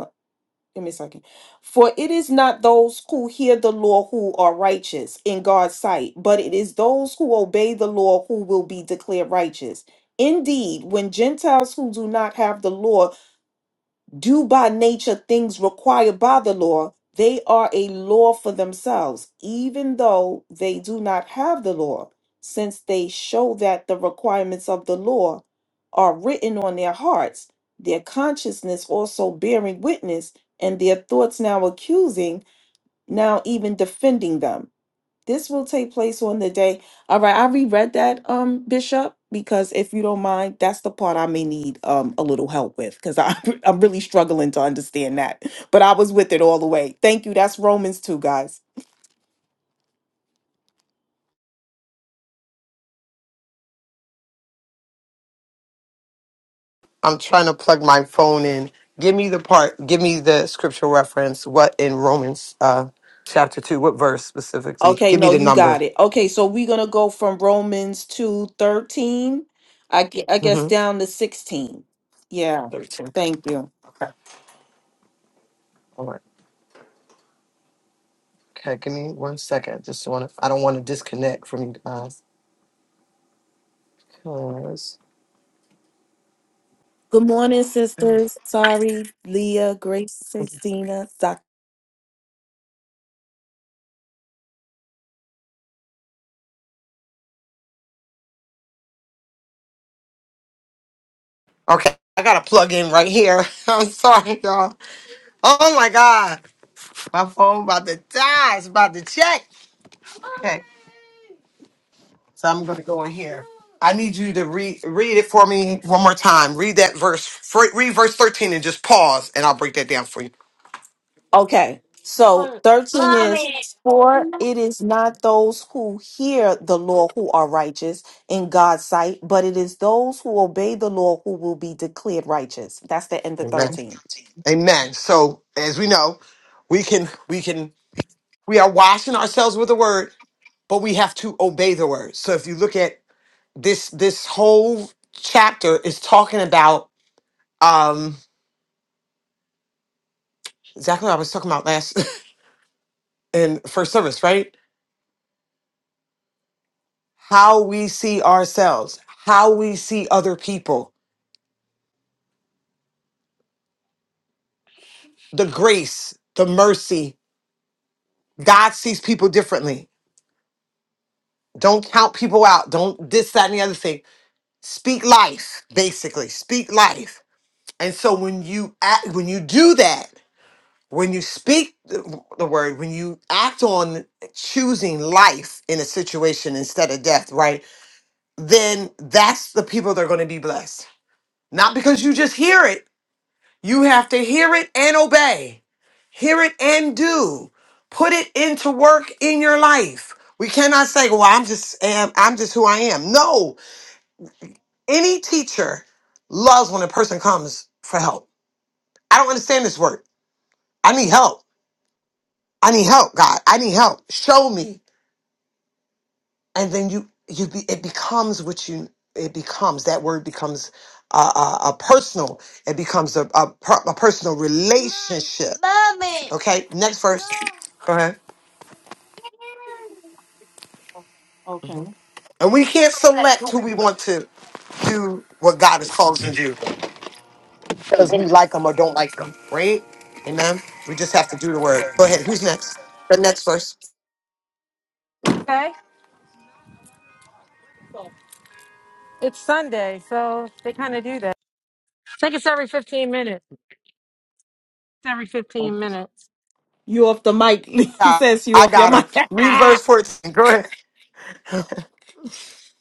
Speaker 5: Give me a second. For it is not those who hear the law who are righteous in God's sight, but it is those who obey the law who will be declared righteous. Indeed, when Gentiles who do not have the law do by nature things required by the law, they are a law for themselves, even though they do not have the law, since they show that the requirements of the law are written on their hearts, their consciousness also bearing witness, and their thoughts now accusing, now even defending them. This will take place on the day. All right, I reread that, um, Bishop, because if you don't mind, that's the part I may need um a little help with because I I'm really struggling to understand that. But I was with it all the way. Thank you. That's Romans 2, guys.
Speaker 1: I'm trying to plug my phone in. Give me the part. Give me the scriptural reference. What in Romans uh, chapter two? What verse specifically?
Speaker 5: Okay,
Speaker 1: Give me
Speaker 5: no,
Speaker 1: the
Speaker 5: you got
Speaker 1: number.
Speaker 5: it. Okay, so we're gonna go from Romans 2 13, I, gue- I guess
Speaker 1: Mm-hmm.
Speaker 5: down to 16. Yeah,
Speaker 1: Thirteen.
Speaker 5: thank you.
Speaker 1: Okay. All right. Okay. Give me one second. Just want to. I don't want to disconnect from you guys. 'cause-
Speaker 5: Good morning, sisters. Sorry, Leah, Grace, Sixtina,
Speaker 1: Okay. I gotta plug in right here. I'm sorry, y'all. Oh my God, my phone about to die. It's about to check. Okay. So I'm going to go in here. I need you to read read it for me one more time. Read that verse. Fr- Read verse 13 and just pause, and I'll break that down for you.
Speaker 5: Okay. So 13 is for it is not those who hear the law who are righteous in God's sight, but it is those who obey the law who will be declared righteous. That's the end of
Speaker 1: Amen.
Speaker 5: 13.
Speaker 1: Amen. So as we know, we can we can we are washing ourselves with the word, but we have to obey the word. So if you look at this this whole chapter is talking about um exactly what I was talking about last in first service, right? How we see ourselves, how we see other people the grace, the mercy. God sees people differently. Don't count people out. Don't this, that, and the other thing. Speak life, basically. Speak life. And so when you act, when you do that, when you speak the, the word, when you act on choosing life in a situation instead of death, right? Then that's the people that are going to be blessed. Not because you just hear it, You have to hear it and obey, hear it and do. Put it into work in your life. We cannot say, "Well, I'm just am I'm just who I am." No, any teacher loves when a person comes for help. I don't understand this word. I need help. I need help, God. I need help. Show me. and then you you be, it becomes what you it becomes that word becomes a, a, a personal it becomes a, a, per- a personal relationship Mommy. okay next verse go ahead
Speaker 5: Okay.
Speaker 1: hmm and we can't select who we want to do what god has called us to do because we like them or don't like them right amen we just have to do the word go ahead who's next the next verse
Speaker 2: got. It's Sunday, 15 minutes.
Speaker 5: You off the mic,
Speaker 1: i
Speaker 5: says you off your
Speaker 1: got
Speaker 5: mic.
Speaker 1: her read verse 14 go ahead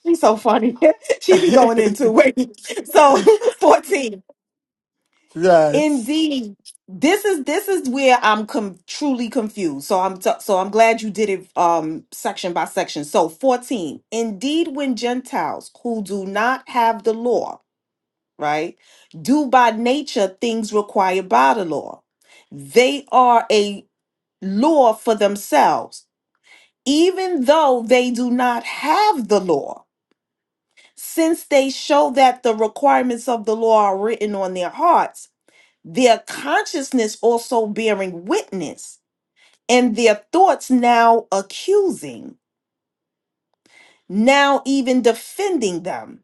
Speaker 5: She's so funny. she be going into wait. So 14.
Speaker 1: yes
Speaker 5: Indeed, this is this is where I'm com- truly confused. So I'm t- so I'm glad you did it um section by section. So 14. Indeed, when Gentiles who do not have the law, right, do by nature things required by the law, they are a law for themselves, even though they do not have the law, since they show that the requirements of the law are written on their hearts their consciousness also bearing witness, and their thoughts now accusing, now even defending them.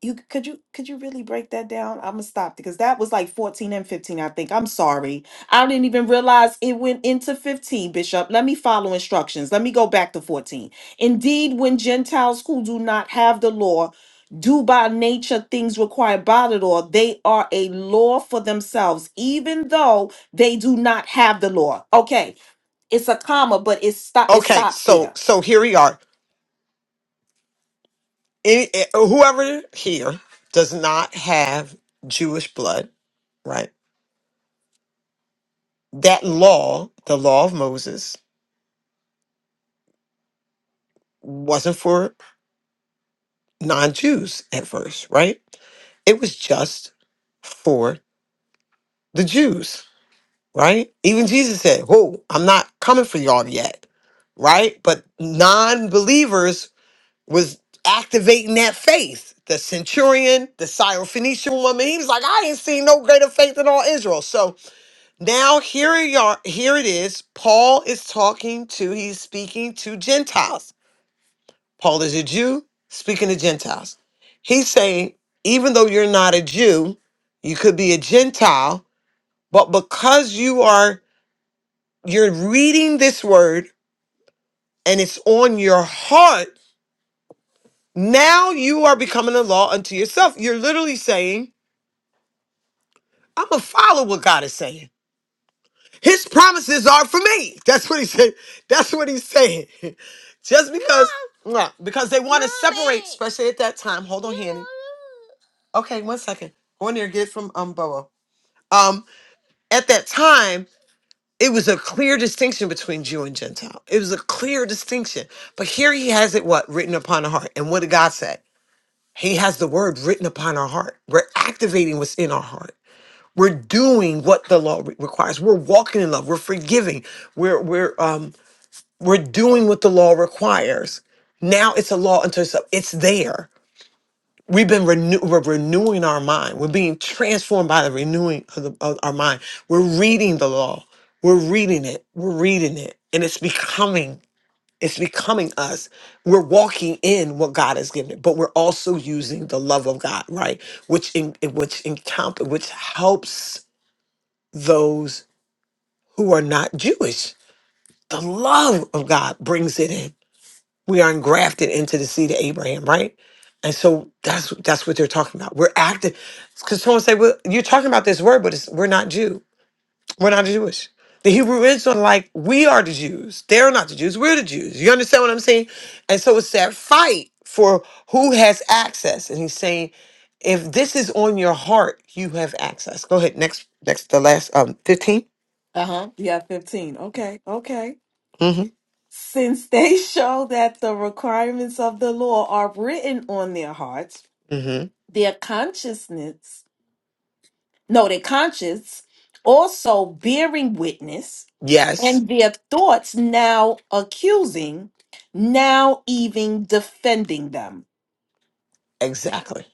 Speaker 5: You could you could you really break that down? I'm gonna stop because that was like 14 and 15, I think. I'm sorry. I didn't even realize it went into 15, Bishop. Let me follow instructions. Let me go back to 14. Indeed, when Gentiles who do not have the law do by nature things required by the law, they are a law for themselves, even though they do not have the law. Okay, it's a comma, but it stop it
Speaker 1: Okay,
Speaker 5: stops
Speaker 1: so
Speaker 5: there.
Speaker 1: so here we are. Any, eh, oh, whoever here does not have Jewish blood, right? That law, the law of Moses, wasn't for non-Jews at first, right? It was just for the Jews, right? Even Jesus said, "Whoa, I'm not coming for y'all yet," right? But non-believers was activating that faith. The centurion, the Syrophoenician woman, he was like, I ain't seen no greater faith in all Israel. So now here you are, here it is. Paul is talking to, he's speaking to Gentiles. Paul is a Jew speaking to Gentiles. He's saying, even though you're not a Jew, you could be a Gentile, but because you are you're reading this word and it's on your heart Now you are becoming a law unto yourself. You're literally saying, I'm gonna follow what God is saying. His promises are for me. That's what he said. That's what he's saying. Just because Nah, because they want to separate, especially at that time. Hold on, Hanny. Okay, one second. Go in there, get from um Boa. Um, at that time, it was a clear distinction between Jew and Gentile. It was a clear distinction. But here he has it what written upon the heart. And what did God say? He has the word written upon our heart. We're activating what's in our heart. We're doing what the law re- requires. We're walking in love. We're forgiving. We're we're um we're doing what the law requires. Now it's a law unto itself. It's there. We've been renew- we're renewing our mind. We're being transformed by the renewing of, the, of our mind. We're reading the law. We're reading it. We're reading it, and it's becoming. It's becoming us. We're walking in what God has given it, but we're also using the love of God, right? Which in, which encounter which helps those who are not Jewish. The love of God brings it in. We are engrafted into the seed of Abraham, right? And so that's that's what they're talking about. We're active because someone say, "Well, you're talking about this word, but it's, we're not Jew." We're not Jewish. The Hebrew Israelites, are like, we are the Jews. They're not the Jews. We're the Jews. You understand what I'm saying? And so it's that fight for who has access. And he's saying, if this is on your heart, you have access. Go ahead. Next, next, the last um 15.
Speaker 5: Uh-huh. Yeah, 15. Okay. Okay.
Speaker 1: Mm-hmm.
Speaker 5: Since they show that the requirements of the law are written on their hearts,
Speaker 1: Mm-hmm.
Speaker 5: their consciousness no, their conscience also bearing witness,
Speaker 1: Yes,
Speaker 5: and their thoughts now accusing, now even defending them.
Speaker 1: exactly.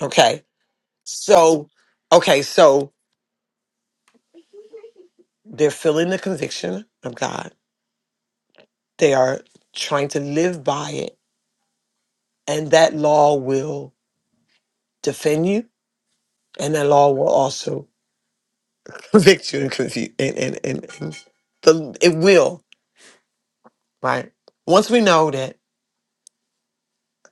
Speaker 1: Okay. So, okay, so they're feeling the conviction of God. They are trying to live by it. And that law will defend you. And that law will also convict you and confuse and, and, and, and the it will right once we know that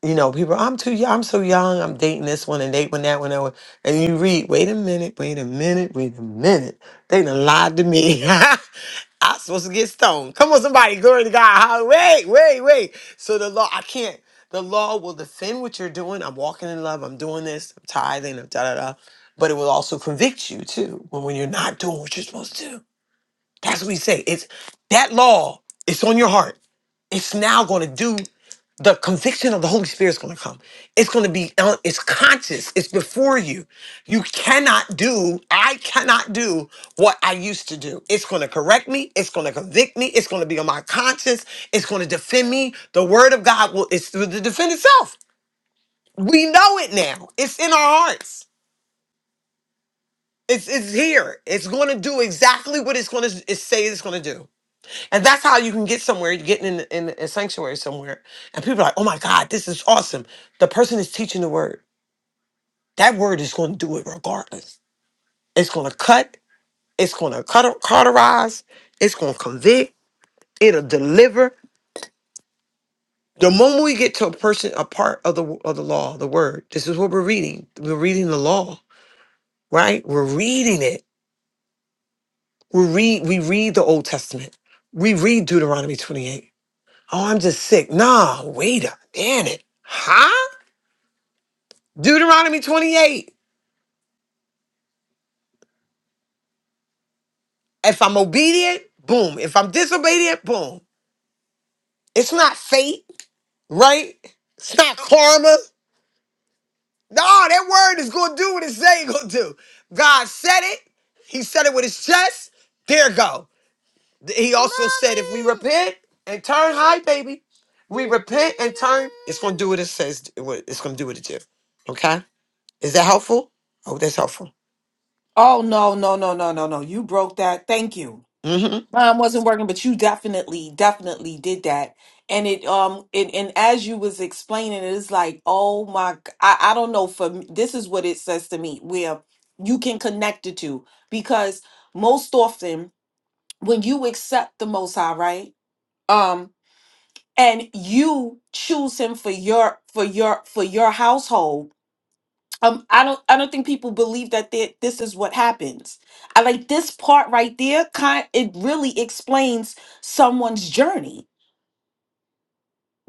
Speaker 1: you know people i'm too young i'm so young i'm dating this one and dating that one, that one and you read wait a minute wait a minute wait a minute they done lied to me i'm supposed to get stoned come on somebody glory to god Hall- wait wait wait so the law i can't the law will defend what you're doing i'm walking in love i'm doing this i'm tithing i'm da da da but it will also convict you too when, when you're not doing what you're supposed to do That's what we say. It's that law, it's on your heart. It's now going to do the conviction of the Holy Spirit is going to come. It's going to be, uh, it's conscious. It's before you. You cannot do, I cannot do what I used to do. It's going to correct me. It's going to convict me. It's going to be on my conscience. It's going to defend me. The word of God will, it's to defend itself. We know it now. It's in our hearts. It's, it's here. It's going to do exactly what it's going to it say it's going to do. And that's how you can get somewhere. You're getting in, in a sanctuary somewhere. And people are like, oh my God, this is awesome. The person is teaching the word. That word is going to do it regardless. It's going to cut. It's going to cut, cauterize. It's going to convict. It'll deliver. The moment we get to a person, a part of the of the law, the word. This is what we're reading. We're reading the law, right? We're reading it. We read. We read the Old Testament. We read Deuteronomy 28. Oh, I'm just sick. Nah, wait a minute. Huh? Deuteronomy 28. If I'm obedient, boom. If I'm disobedient, boom. It's not fate, right? It's not karma. No, that word is gonna do what it say it gonna do. God said it. He said it with his chest. There go. He also said, if we repent and turn, hi baby, we repent and turn. It's gonna do what it says. what- It's gonna do what it do. Okay. Is that helpful? Oh, that's helpful.
Speaker 5: Oh, no, no, no, no, no, no. You broke that. Thank you.
Speaker 1: Mm-hmm.
Speaker 5: Mine wasn't working, but you definitely, definitely did that. And it, um, it, and as you was explaining, it is like, oh my, g- I, I don't know. For me, this is what it says to me, where you can connect the two, because most often when you accept the Most High, right? um and you choose him for your for your for your household um i don't i don't think people believe that they, this is what happens i like this part right there kind it really explains someone's journey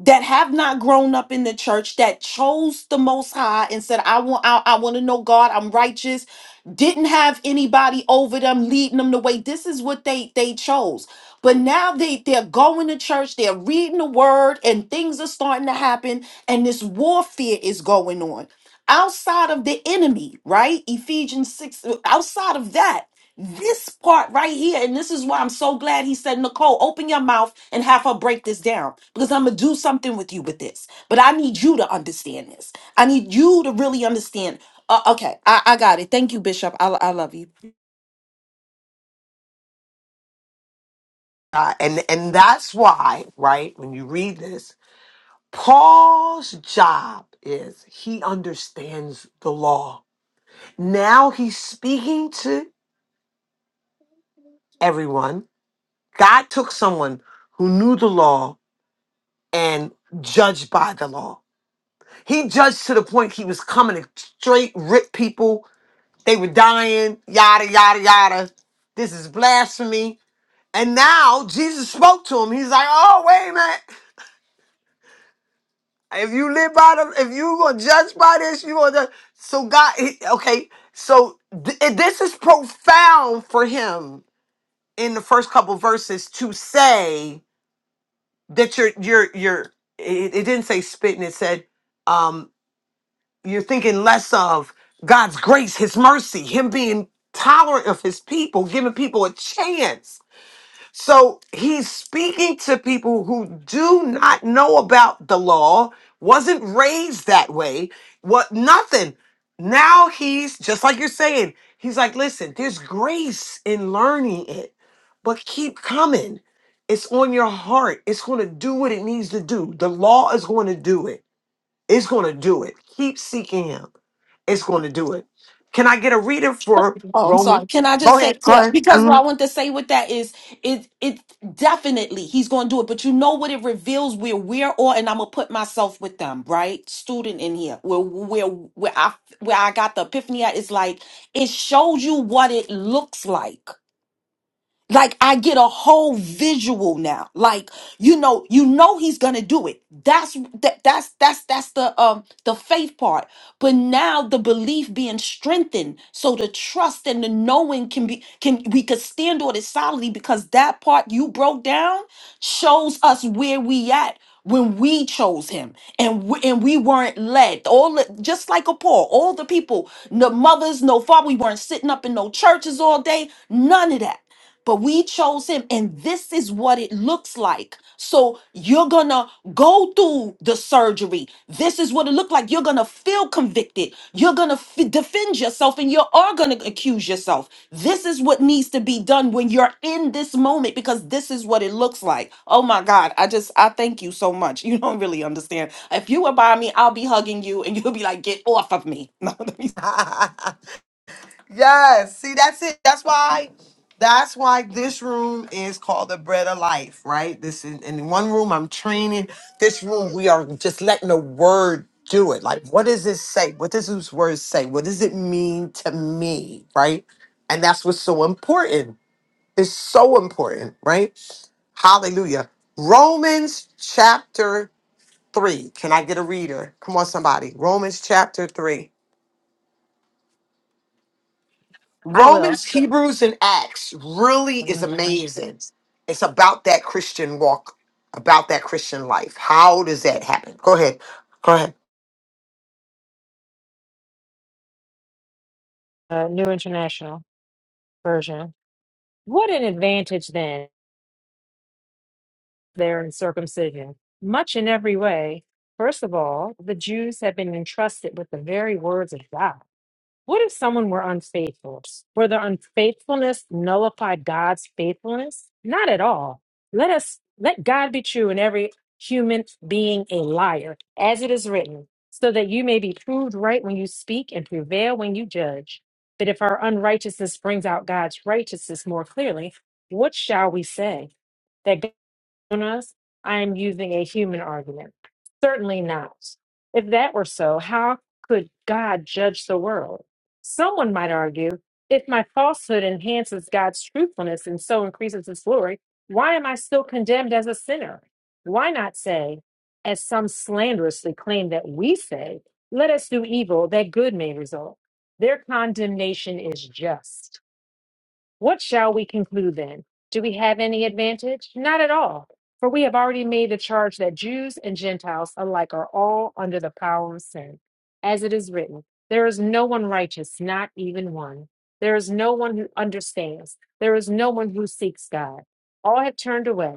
Speaker 5: that have not grown up in the church that chose the most high and said i want i, I want to know god i'm righteous didn't have anybody over them leading them the way this is what they they chose but now they they're going to church they're reading the word and things are starting to happen and this warfare is going on outside of the enemy right ephesians 6 outside of that this part right here, and this is why I'm so glad he said, Nicole, open your mouth and have her break this down because I'm going to do something with you with this. But I need you to understand this. I need you to really understand. Uh, okay, I, I got it. Thank you, Bishop. I, I love you.
Speaker 1: Uh, and and that's why, right? When you read this, Paul's job is he understands the law. Now he's speaking to everyone. God took someone who knew the law and judged by the law. He judged to the point he was coming to straight rip people. They were dying, yada, yada, yada. This is blasphemy. And now Jesus spoke to him. He's like, oh, wait a minute. If you live by them, if you gonna judge by this, you gonna judge. So God, he, okay. So th- and this is profound for him in the first couple verses to say that you're you're you're. It, it didn't say spitting. It said um, you're thinking less of God's grace, His mercy, Him being tolerant of His people, giving people a chance so he's speaking to people who do not know about the law, wasn't raised that way, what nothing. Now he's just like you're saying, he's like, listen, there's grace in learning it, but keep coming. It's on your heart. It's going to do what it needs to do. The law is going to do it. It's going to do it. Keep seeking him. It's going to do it. Can I get a reader for
Speaker 5: Oh, I'm sorry.
Speaker 1: Romans?
Speaker 5: Can I
Speaker 1: Go
Speaker 5: just
Speaker 1: ahead.
Speaker 5: say,
Speaker 1: Go
Speaker 5: yeah,
Speaker 1: ahead.
Speaker 5: because what I want to say with that is it it definitely he's gonna do it, but you know what it reveals where we're all and I'm gonna put myself with them, right? Student in here. Where where where I where I got the epiphany at is like it shows you what it looks like. Like I get a whole visual now. Like you know, you know he's gonna do it. That's that, that's that's that's the um the faith part. But now the belief being strengthened, so the trust and the knowing can be can we could stand on it solidly because that part you broke down shows us where we at when we chose him and we, and we weren't led all the- just like a paul all the people no mothers no father we weren't sitting up in no churches all day none of that but we chose him and this is what it looks like so you're gonna go through the surgery this is what it looked like you're gonna feel convicted you're gonna f- defend yourself and you are gonna accuse yourself this is what needs to be done when you're in this moment because this is what it looks like oh my god i just i thank you so much you don't really understand if you were by me i'll be hugging you and you'll be like get off of me No, let me.
Speaker 1: Mhm. Yes. See, that's it. That's why. That's why this room is called the bread of life, right? This is in one room. I'm training. This room, we are just letting the word do it. Like, what does this say? What does this word say? What does it mean to me, right? And that's what's so important. It's so important, right? Hallelujah. Romans chapter three. Can I get a reader? Come on, somebody. Romans chapter three.
Speaker 2: I will.
Speaker 1: Romans, Hebrews, and Acts really is
Speaker 2: Uh,
Speaker 1: amazing. It's about that Christian walk, about that Christian life. How does that happen? Go ahead. Go ahead.
Speaker 2: New International Version. What an advantage then there in circumcision, much in every way. First of all, the Jews have been entrusted with the very words of God. What if someone were unfaithful? Were their unfaithfulness nullify God's faithfulness? Not at all. Let us let God be true and every human being a liar, as it is written, so that you may be proved right when you speak and prevail when you judge. But if our unrighteousness brings out God's righteousness more clearly, what shall we say? That us, I am using a human argument. Certainly not. If that were so, how could God judge the world? Someone might argue if my falsehood enhances God's truthfulness and so increases his glory, why am I still condemned as a sinner? Why not say, as some slanderously claim that we say, let us do evil that good may result? Their condemnation is just. What shall we conclude then? Do we have any advantage? Not at all. For we have already made the charge that Jews and Gentiles alike are all under the power of sin. As it is written, there is no one righteous, not even one. There is no one who understands. There is no one who seeks God. All have turned away.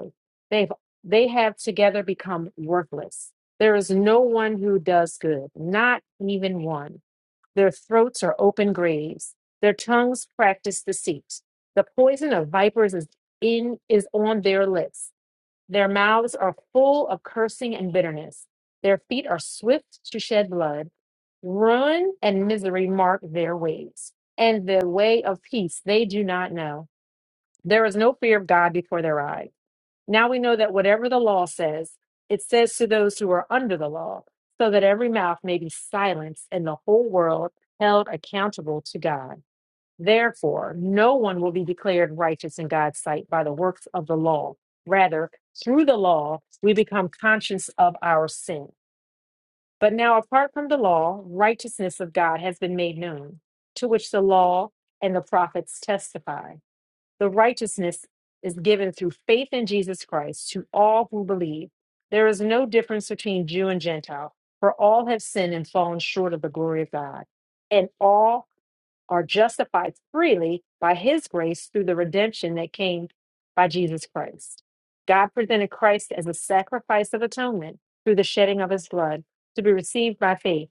Speaker 2: They've, they have together become worthless. There is no one who does good, not even one. Their throats are open graves. Their tongues practice deceit. The poison of vipers is in is on their lips. Their mouths are full of cursing and bitterness. Their feet are swift to shed blood. Ruin and misery mark their ways, and the way of peace they do not know. There is no fear of God before their eyes. Now we know that whatever the law says, it says to those who are under the law, so that every mouth may be silenced and the whole world held accountable to God. Therefore, no one will be declared righteous in God's sight by the works of the law. Rather, through the law, we become conscious of our sin. But now, apart from the law, righteousness of God has been made known, to which the law and the prophets testify. The righteousness is given through faith in Jesus Christ to all who believe. There is no difference between Jew and Gentile, for all have sinned and fallen short of the glory of God, and all are justified freely by his grace through the redemption that came by Jesus Christ. God presented Christ as a sacrifice of atonement through the shedding of his blood to be received by faith.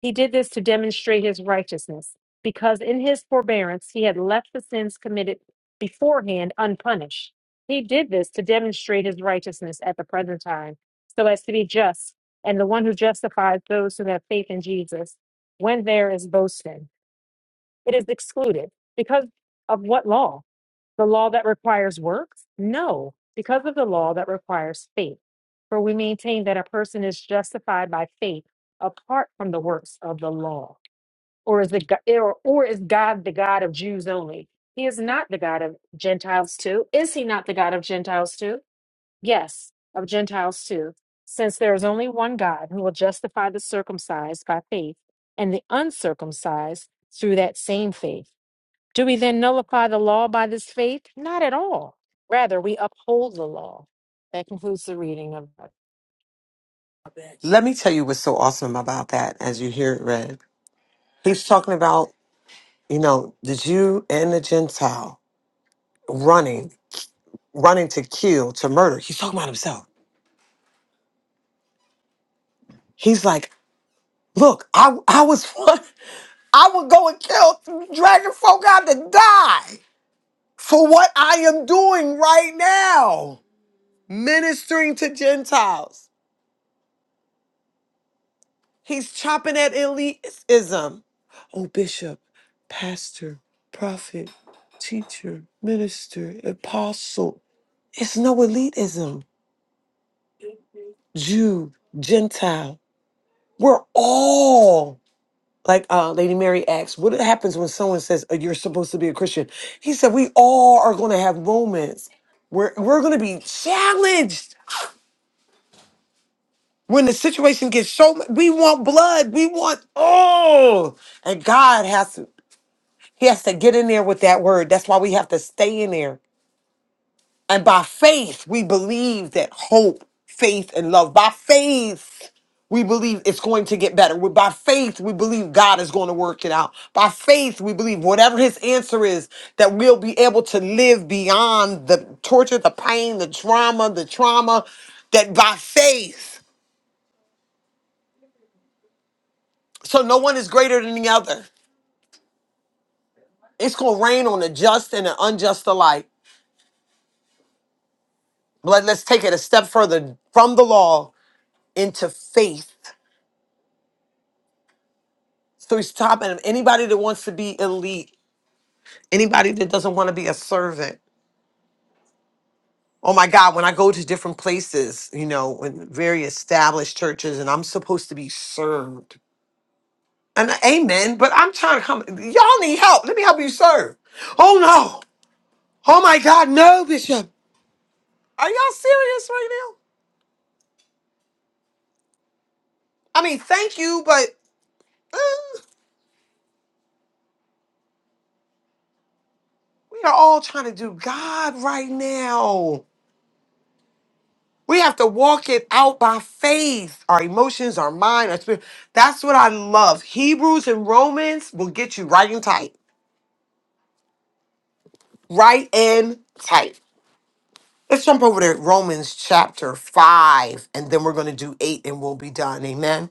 Speaker 2: He did this to demonstrate his righteousness, because in his forbearance he had left the sins committed beforehand unpunished. He did this to demonstrate his righteousness at the present time, so as to be just, and the one who justifies those who have faith in Jesus. When there is boasting, it is excluded. Because of what law? The law that requires works? No, because of the law that requires faith. For we maintain that a person is justified by faith apart from the works of the law or is the Go- or, or is God the God of Jews only? He is not the God of Gentiles too. Is he not the God of Gentiles too? Yes, of Gentiles too. Since there is only one God who will justify the circumcised by faith and the uncircumcised through that same faith. Do we then nullify the law by this faith? Not at all. Rather, we uphold the law. That concludes the reading of
Speaker 1: Let me tell you what's so awesome about that as you hear it read. He's talking about, you know, the Jew and the Gentile running, running to kill, to murder. He's talking about himself. He's like, look, I, I was one, I would go and kill, dragging folk out to die for what I am doing right now. ministering to Gentiles. He's chopping at elitism. Oh, bishop, pastor, prophet, teacher, minister, apostle. It's no elitism. Jew, Gentile. We're all like uh, Lady Mary asks, what happens when someone says "Oh, you're supposed to be a Christian? He said, we all are going to have moments where we're going to be challenged When the situation gets so, mu- we want blood. We want oh, and God has to, He has to get in there with that word. That's why we have to stay in there. And by faith, we believe that hope, faith, and love. By faith, we believe it's going to get better. We- By faith, we believe God is going to work it out. By faith, we believe whatever His answer is, that we'll be able to live beyond the torture, the pain, the trauma, the trauma, that by faith. So no one is greater than the other. It's going to rain on the just and the unjust alike. But let's take it a step further from the law into faith. So he's stopping him. anybody that wants to be elite, anybody that doesn't want to be a servant. Oh my God, when I go to different places, you know, in very established churches, and I'm supposed to be served. And amen, but I'm trying to come. Y'all need help. Let me help you serve. Oh no. Oh my God, no, Bishop. Are y'all serious right now? I mean, thank you, but. uh, We are all trying to do God right now. We have to walk it out by faith, our emotions, our mind, our spirit. That's what I love. Hebrews and Romans will get you right and tight. Right and tight. Let's jump over to Romans chapter 5, and then we're going to do 8 and we'll be done. Amen.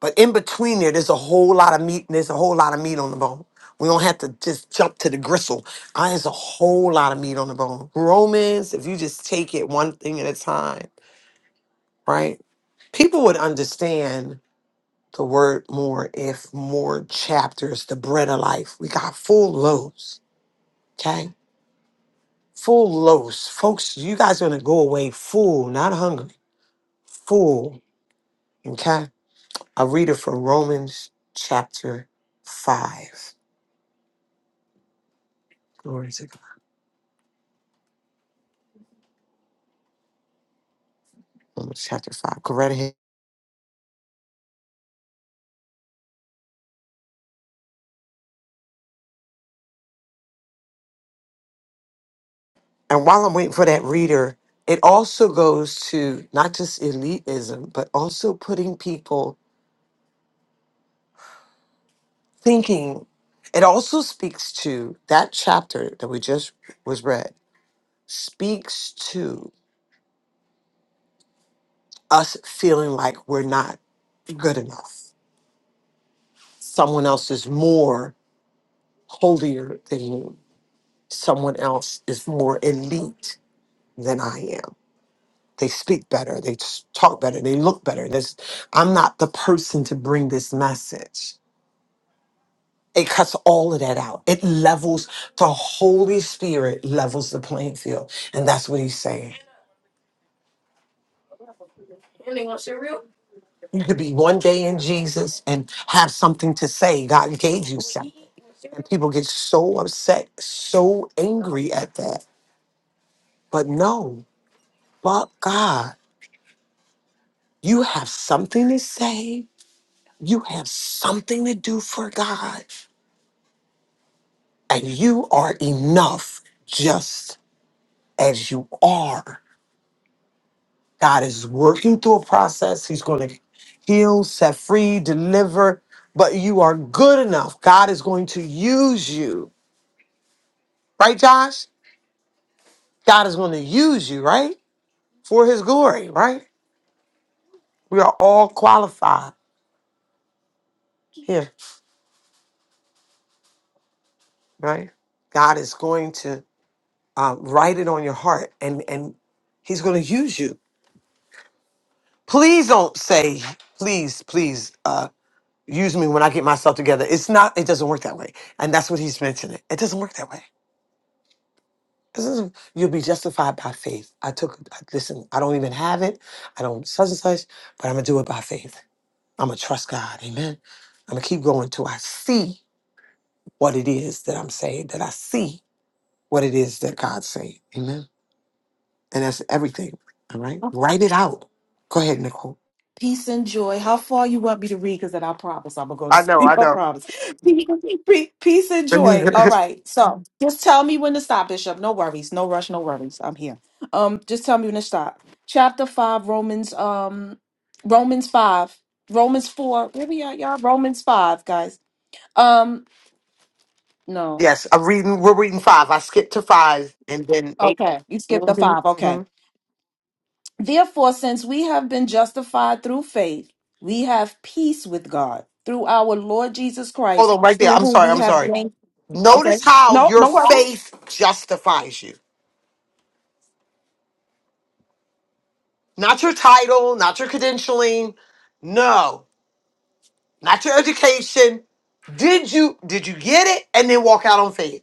Speaker 1: But in between there, there's a whole lot of meat. There's a whole lot of meat on the bone. We don't have to just jump to the gristle. Uh, there's a whole lot of meat on the bone. Romans, if you just take it one thing at a time. right? People would understand the word more if more chapters, the bread of life. We got full loaves, okay? Full loaves. Folks, you guys are going to go away full, not hungry, full, okay? I'll read it from Romans chapter 5. Glory to God. Romans chapter 5. Go right ahead. And while I'm waiting for that reader, it also goes to not just elitism, but also putting people thinking it also speaks to that chapter that we just was read speaks to us feeling like we're not good enough someone else is more holier than you someone else is more elite than i am they speak better they s- talk better they look better this i'm not the person to bring this message it cuts all of that out it levels the holy spirit levels the playing field and that's what he's saying You could be one day in Jesus and have something to say. God gave you something. And people get so upset, so angry at that. But no, but God, you have something to say. You have something to do for God. And you are enough just as you are. God is working through a process. He's going to heal, set free, deliver. But you are good enough. God is going to use you. Right, Josh? God is going to use you, right? For his glory, right? We are all qualified here, right? God is going to uh, write it on your heart and, and he's going to use you. Please don't say, please, please uh, use me when I get myself together. It's not, it doesn't work that way. And that's what he's mentioning. It doesn't work that way. This is- You'll be justified by faith. I took, I- listen, I don't even have it. I don't such and such, but I'm going to do it by faith. I'm going to trust God. Amen. I'm going to keep going till I see what it is that I'm saying, that I see what it is that God's saying. Amen. And that's everything. All right. Write it out. Go ahead, Nicole.
Speaker 5: Peace and joy. How far you want me to read? Because then I promise I'm gonna go to
Speaker 1: I know,
Speaker 5: sleep.
Speaker 1: I
Speaker 5: I
Speaker 1: know.
Speaker 5: promise. Peace peace- peace and joy. All right. So just tell me when to stop, Bishop. No worries. No rush. No worries. I'm here. Um, just tell me when to stop. Chapter five, Romans. Um, Romans five, Romans four. Where we at, y'all? Romans five, guys. Um, no.
Speaker 1: yes, I'm reading, we're reading five. I skipped to five and then 8
Speaker 5: Okay, you skipped the
Speaker 1: Mm-hmm,
Speaker 5: five. Okay.
Speaker 1: hmm
Speaker 5: Therefore, since we have been justified through faith, we have peace with God through our Lord Jesus
Speaker 1: Hold
Speaker 5: Christ,
Speaker 1: on right there.
Speaker 5: through
Speaker 1: I'm
Speaker 5: whom
Speaker 1: sorry,
Speaker 5: we
Speaker 1: I'm
Speaker 5: have
Speaker 1: sorry.
Speaker 5: gained. Okay.
Speaker 1: Notice how
Speaker 5: No,
Speaker 1: your
Speaker 5: no worries.
Speaker 1: faith justifies you. Not your title, not your credentialing. No, not your education. Did you did you get it and then walk out on faith?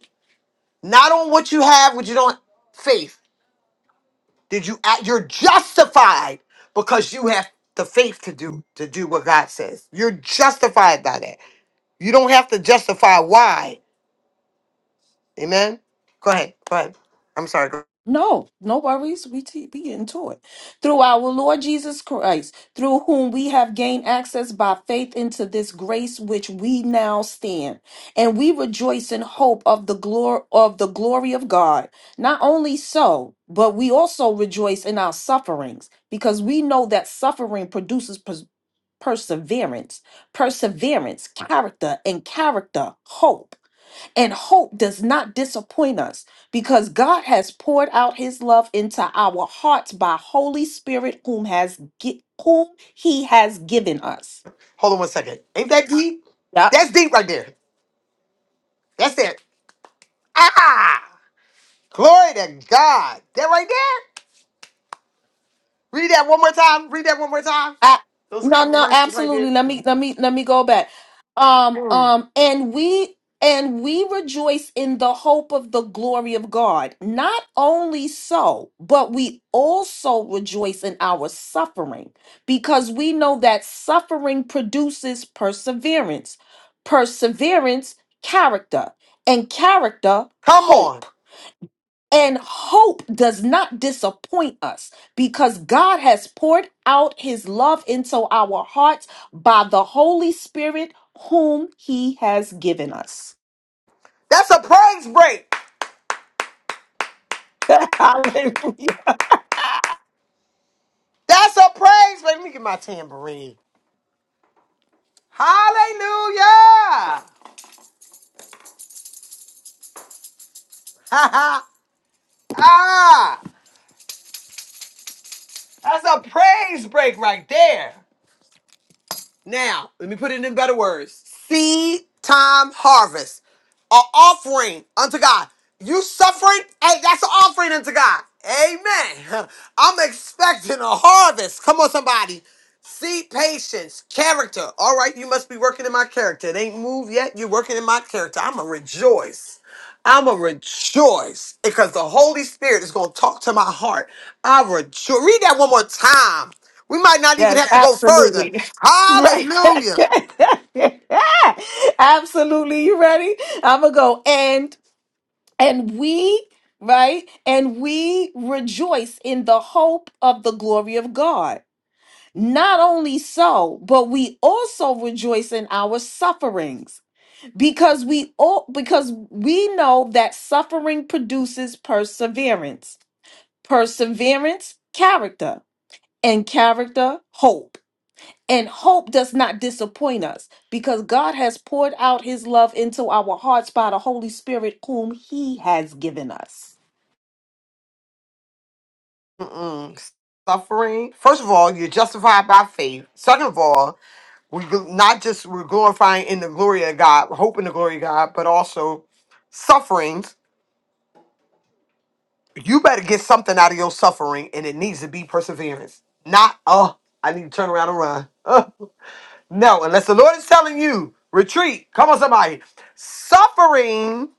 Speaker 1: not on what you have, what you don't faith. Did you act? You're justified because you have the faith to do to do what God says. You're justified by that. You don't have to justify why. Amen. Go ahead. Go ahead. I'm sorry. go-
Speaker 5: No, no worries. We te- we get into it through our Lord Jesus Christ, through whom we have gained access by faith into this grace which we now stand, and we rejoice in hope of the glory of the glory of God. Not only so, but we also rejoice in our sufferings because we know that suffering produces pers- perseverance, perseverance, character, and character hope. And hope does not disappoint us because God has poured out his love into our hearts by Holy Spirit whom has gi- whom he has given us.
Speaker 1: Hold on one second. Ain't that deep?
Speaker 5: Yup.
Speaker 1: That's deep right there. That's it. Ah, glory to God. That right there. Read that one more time. Read that one more time.
Speaker 5: I,
Speaker 1: Those
Speaker 5: no,
Speaker 1: couple
Speaker 5: no,
Speaker 1: verses right there.
Speaker 5: absolutely. Let me let me let me go back. Um, um, and we and we rejoice in the hope of the glory of God. Not only so, but we also rejoice in our suffering because we know that suffering produces perseverance. Perseverance, character, and character,
Speaker 1: Come on.
Speaker 5: hope. And hope does not disappoint us because God has poured out his love into our hearts by the Holy Spirit, whom he has given us.
Speaker 1: That's a praise break.
Speaker 5: Hallelujah.
Speaker 1: That's a praise. break. Let me get my tambourine. Hallelujah. Ha ha. Ah. That's a praise break right there. Now, let me put it in better words. Seed time harvest. An offering unto God. You suffering? Hey, that's an offering unto God. Amen. I'm expecting a harvest. Come on, somebody. Seed patience, character. All right, you must be working in my character. It ain't moved yet. You're working in my character. I'm going to rejoice. I'm going to rejoice because the Holy Spirit is going to talk to my heart. I rejoice. Read that one more time. We might not even
Speaker 5: Yes,
Speaker 1: have to go further.
Speaker 5: absolutely. Right.
Speaker 1: Hallelujah.
Speaker 5: absolutely. You ready? I'm going to go. And, and we, right? And we rejoice in the hope of the glory of God. Not only so, but we also rejoice in our sufferings because we all, because we know that suffering produces perseverance. Perseverance, character, and character, hope. And hope does not disappoint us because God has poured out his love into our hearts by the Holy Spirit whom he has given us.
Speaker 1: Mm-mm. Suffering. First of all, you're justified by faith. Second of all, we gl- not just we're glorifying in the glory of God, hoping the glory of God, but also sufferings. You better get something out of your suffering, and it needs to be perseverance. Not oh, I need to turn around and run. Ugh. no, unless the Lord is telling you retreat. Come on, somebody. Suffering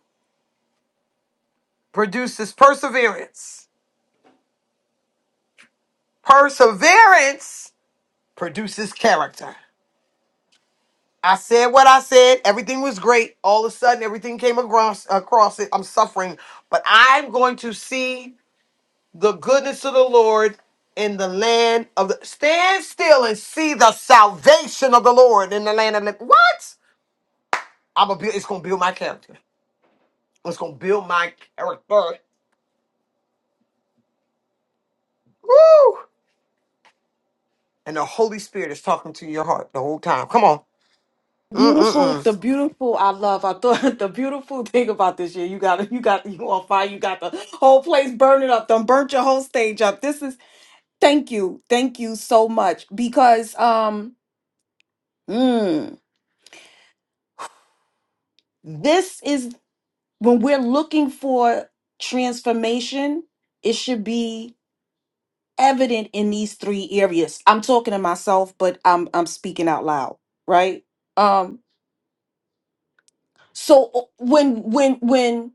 Speaker 1: produces perseverance. Perseverance produces character. I said what I said. Everything was great. All of a sudden, everything came across across it. I'm suffering, but I'm going to see the goodness of the Lord in the land of the. Stand still and see the salvation of the Lord in the land of the. What? I'm gonna build. It's gonna build my character. It's gonna build my character. Woo! And the Holy Spirit is talking to your heart the whole time. Come on. Mm-mm-mm.
Speaker 5: Beautiful, the beautiful I love. I thought the beautiful thing about this year, you got you got you on fire, you got the whole place burning up, done burnt your whole stage up. This is thank you, thank you so much. Because um mm, this is when we're looking for transformation, it should be evident in these three areas. I'm talking to myself, but I'm I'm speaking out loud, right? Um so uh, when when when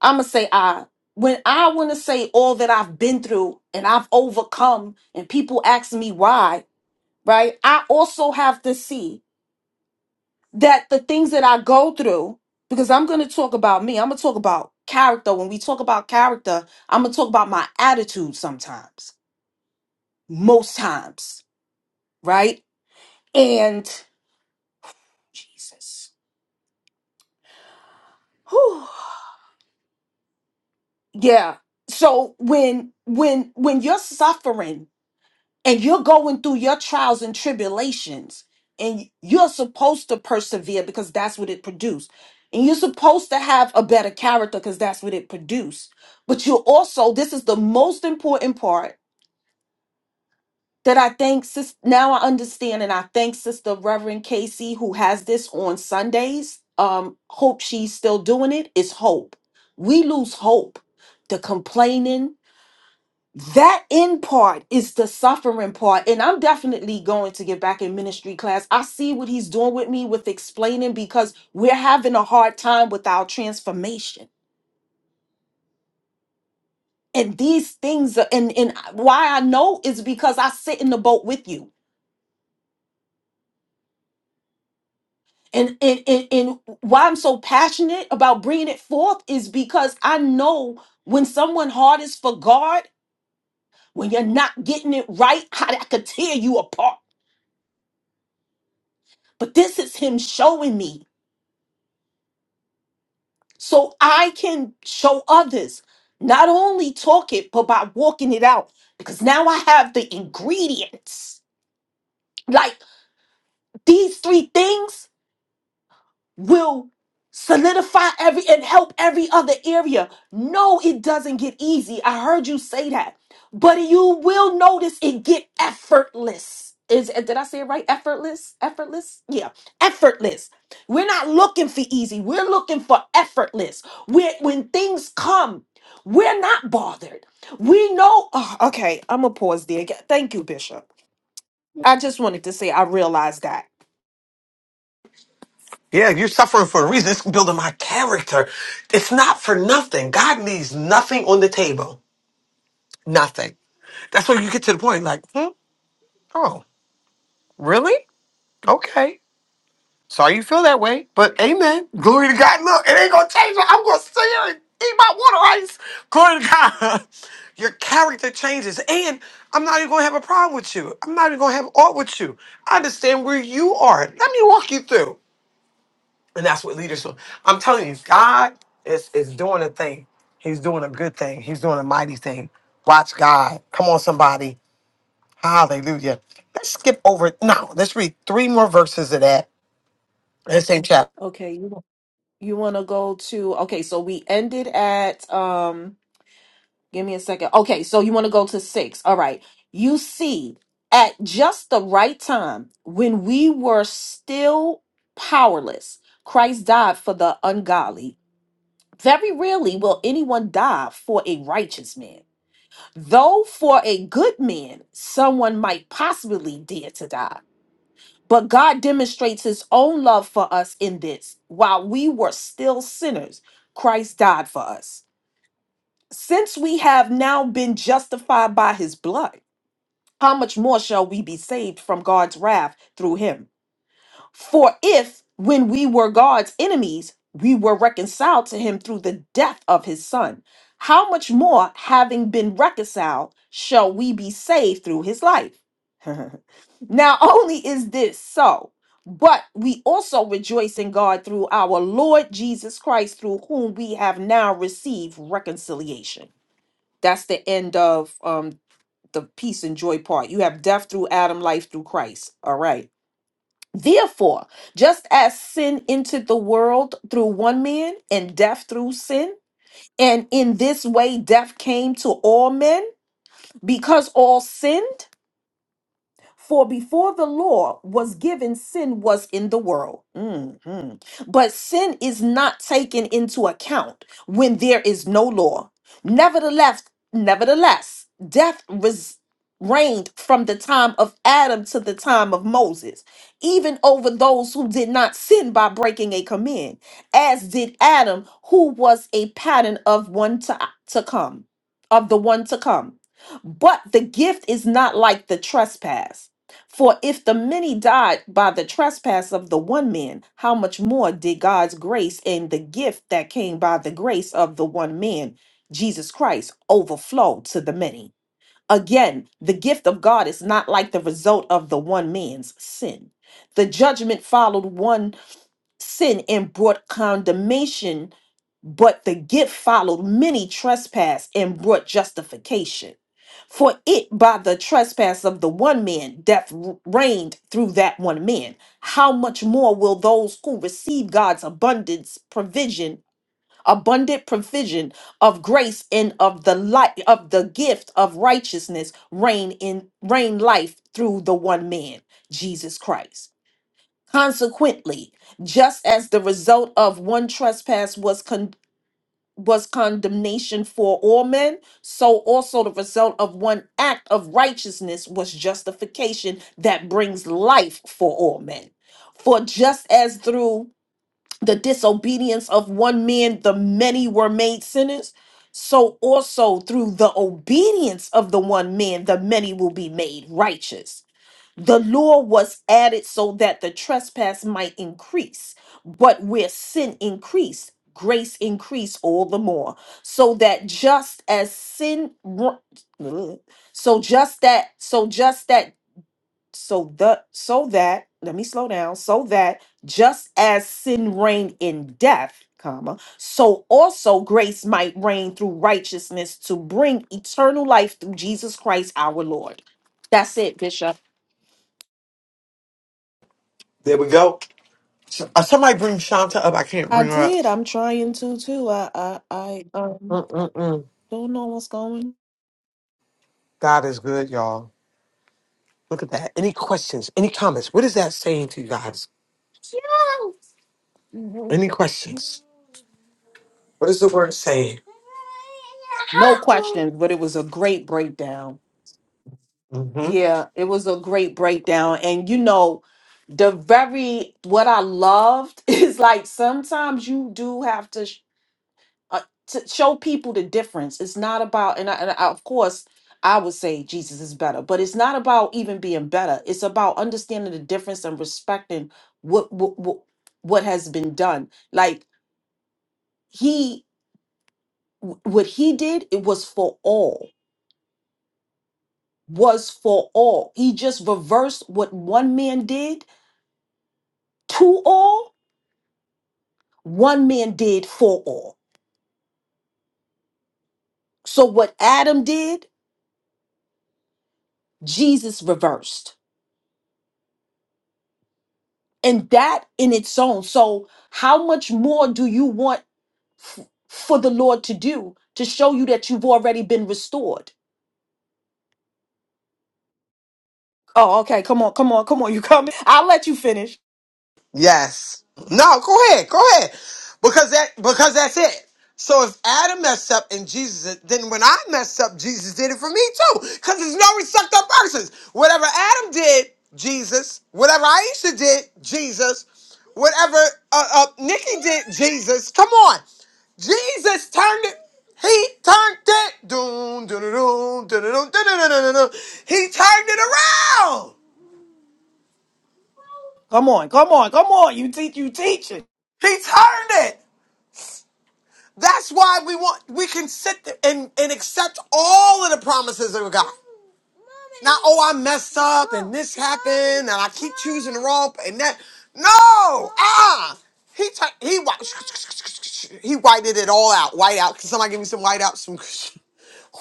Speaker 5: I'm gonna say I when I want to say all that I've been through and I've overcome, and people ask me why, right? I also have to see that the things that I go through, because I'm gonna talk about me. I'm gonna talk about character. When we talk about character, I'm gonna talk about my attitude sometimes, most times, right? And Jesus, Whew. yeah. So when when when you're suffering and you're going through your trials and tribulations and you're supposed to persevere because that's what it produced and you're supposed to have a better character because that's what it produced but you're also this is the most important part that i think sis, now i understand and i thank sister reverend casey who has this on sundays um hope she's still doing it is hope we lose hope the complaining that in part is the suffering part and i'm definitely going to get back in ministry class i see what he's doing with me with explaining because we're having a hard time with our transformation and these things are, and and why i know is because i sit in the boat with you and and and, and why i'm so passionate about bringing it forth is because i know when someone heart is for god when you're not getting it right how that could tear you apart but this is him showing me so I can show others, not only talk it, but by walking it out. Because now I have the ingredients. Like these three things will solidify every and help every other area. No, it doesn't get easy. I heard you say that. But you will notice it get effortless. Is did I say it right? Effortless? Effortless? Yeah. Effortless. We're not looking for easy. We're looking for effortless. We're, when things come, we're not bothered. We know oh, okay, I'm gonna pause there. Thank you, Bishop. I just wanted to say I realized that.
Speaker 1: Yeah, you're suffering for a reason. It's building my character. It's not for nothing. God leaves nothing on the table. Nothing. That's where you get to the point like, hmm, oh, really? Okay. Sorry you feel that way, but amen. Glory to God. Look, it ain't going to change. it. I'm going to sit here and eat my water ice. Glory to God. Your character changes. And I'm not even going to have a problem with you. I'm not even going to have aught with you. I understand where you are. Let me walk you through. And that's what leaders do. I'm telling you, God is is doing a thing. He's doing a good thing. He's doing a mighty thing. Watch God. Come on, somebody. Hallelujah. Let's skip over. No, let's read three more verses of that. in The same chapter.
Speaker 5: Okay. You want to go to okay, so we ended at um give me a second. Okay, so you want to go to 6. All right. You see at just the right time when we were still powerless, Christ died for the ungodly. Very rarely will anyone die for a righteous man. Though for a good man, someone might possibly dare to die. But God demonstrates his own love for us in this. While we were still sinners, Christ died for us. Since we have now been justified by his blood, how much more shall we be saved from God's wrath through him? For if, when we were God's enemies, we were reconciled to him through the death of his son, how much more, having been reconciled, shall we be saved through his life? Not only is this so, but we also rejoice in God through our Lord Jesus Christ, through whom we have now received reconciliation. That's the end of um, the peace and joy part. You have death through Adam, life through Christ. All right. Therefore, just as sin entered the world through one man and death through sin, and in this way death came to all men because all sinned. For before the law was given, sin was in the world. Mhm. But sin is not taken into account when there is no law. Nevertheless, nevertheless, death res- reigned from the time of Adam to the time of Moses, even over those who did not sin by breaking a command, as did Adam, who was a pattern of one to, to come, of the one to come. But the gift is not like the trespass. For if the many died by the trespass of the one man, how much more did God's grace and the gift that came by the grace of the one man, Jesus Christ, overflow to the many? Again, the gift of God is not like the result of the one man's sin. The judgment followed one sin and brought condemnation, but the gift followed many trespass and brought justification. For it by the trespass of the one man death reigned through that one man. How much more will those who receive God's abundance provision, abundant provision of grace and of the light of the gift of righteousness reign in reign life through the one man, Jesus Christ. Consequently, just as the result of one trespass was was condemnation for all men, so also the result of one act of righteousness was justification that brings life for all men. For just as through the disobedience of one man the many were made sinners, so also through the obedience of the one man the many will be made righteous. The law was added so that the trespass might increase. But where sin increased, grace increased all the more. So that just as sin ru- Ugh. so just that so just that so the so that let me slow down so that just as sin reigned in death comma so also grace might reign through righteousness to bring eternal life through Jesus Christ our lord that's it bishop
Speaker 1: There we go. So- uh, somebody bring Shanta up. I can't
Speaker 5: I
Speaker 1: bring her up.
Speaker 5: did. I'm trying to too. I I, I um
Speaker 1: Mm-mm-mm.
Speaker 5: don't know what's going.
Speaker 1: God is good, y'all. Look at that. Any questions? Any comments? What is that saying to you guys? Any questions? What is the word saying?
Speaker 5: No questions, but it was a great breakdown.
Speaker 1: Mm-hmm.
Speaker 5: Yeah, it was a great breakdown. And you know, the very what I loved is like sometimes you do have to, sh- uh, to show people the difference. It's not about and, I, and I, of course I would say Jesus is better, but it's not about even being better. It's about understanding the difference and respecting what what what, what has been done. Like he wh- what he did it was for all was for all he just reversed what one man did to all one man did for all so what adam did jesus reversed and that in its own so how much more do you want f- for the lord to do to show you that you've already been restored oh okay come on come on come on you coming i'll let you finish
Speaker 1: Yes. No, go ahead. Go ahead. Because that because that's it. So if Adam messed up and Jesus did- then when I messed up, Jesus did it for me too. Because there's no respect up persons. Whatever Adam did, Jesus. Whatever Aisha did, Jesus. Whatever uh, uh, Nikki did, Jesus. Come on. Jesus turned it. He turned it. Doom, doom, doom, doom, doom, doom, doom, doom, doom, doom. He turned it around.
Speaker 5: come on come on come on you teach you teaching
Speaker 1: He turned it. That's why we want we can sit there and, and accept all of the promises of God. Not oh I messed up and this happened and I keep choosing the wrong p- and that. No, ah, he t- he wi- he whited it all out. White out. Can somebody give me some white out? Some.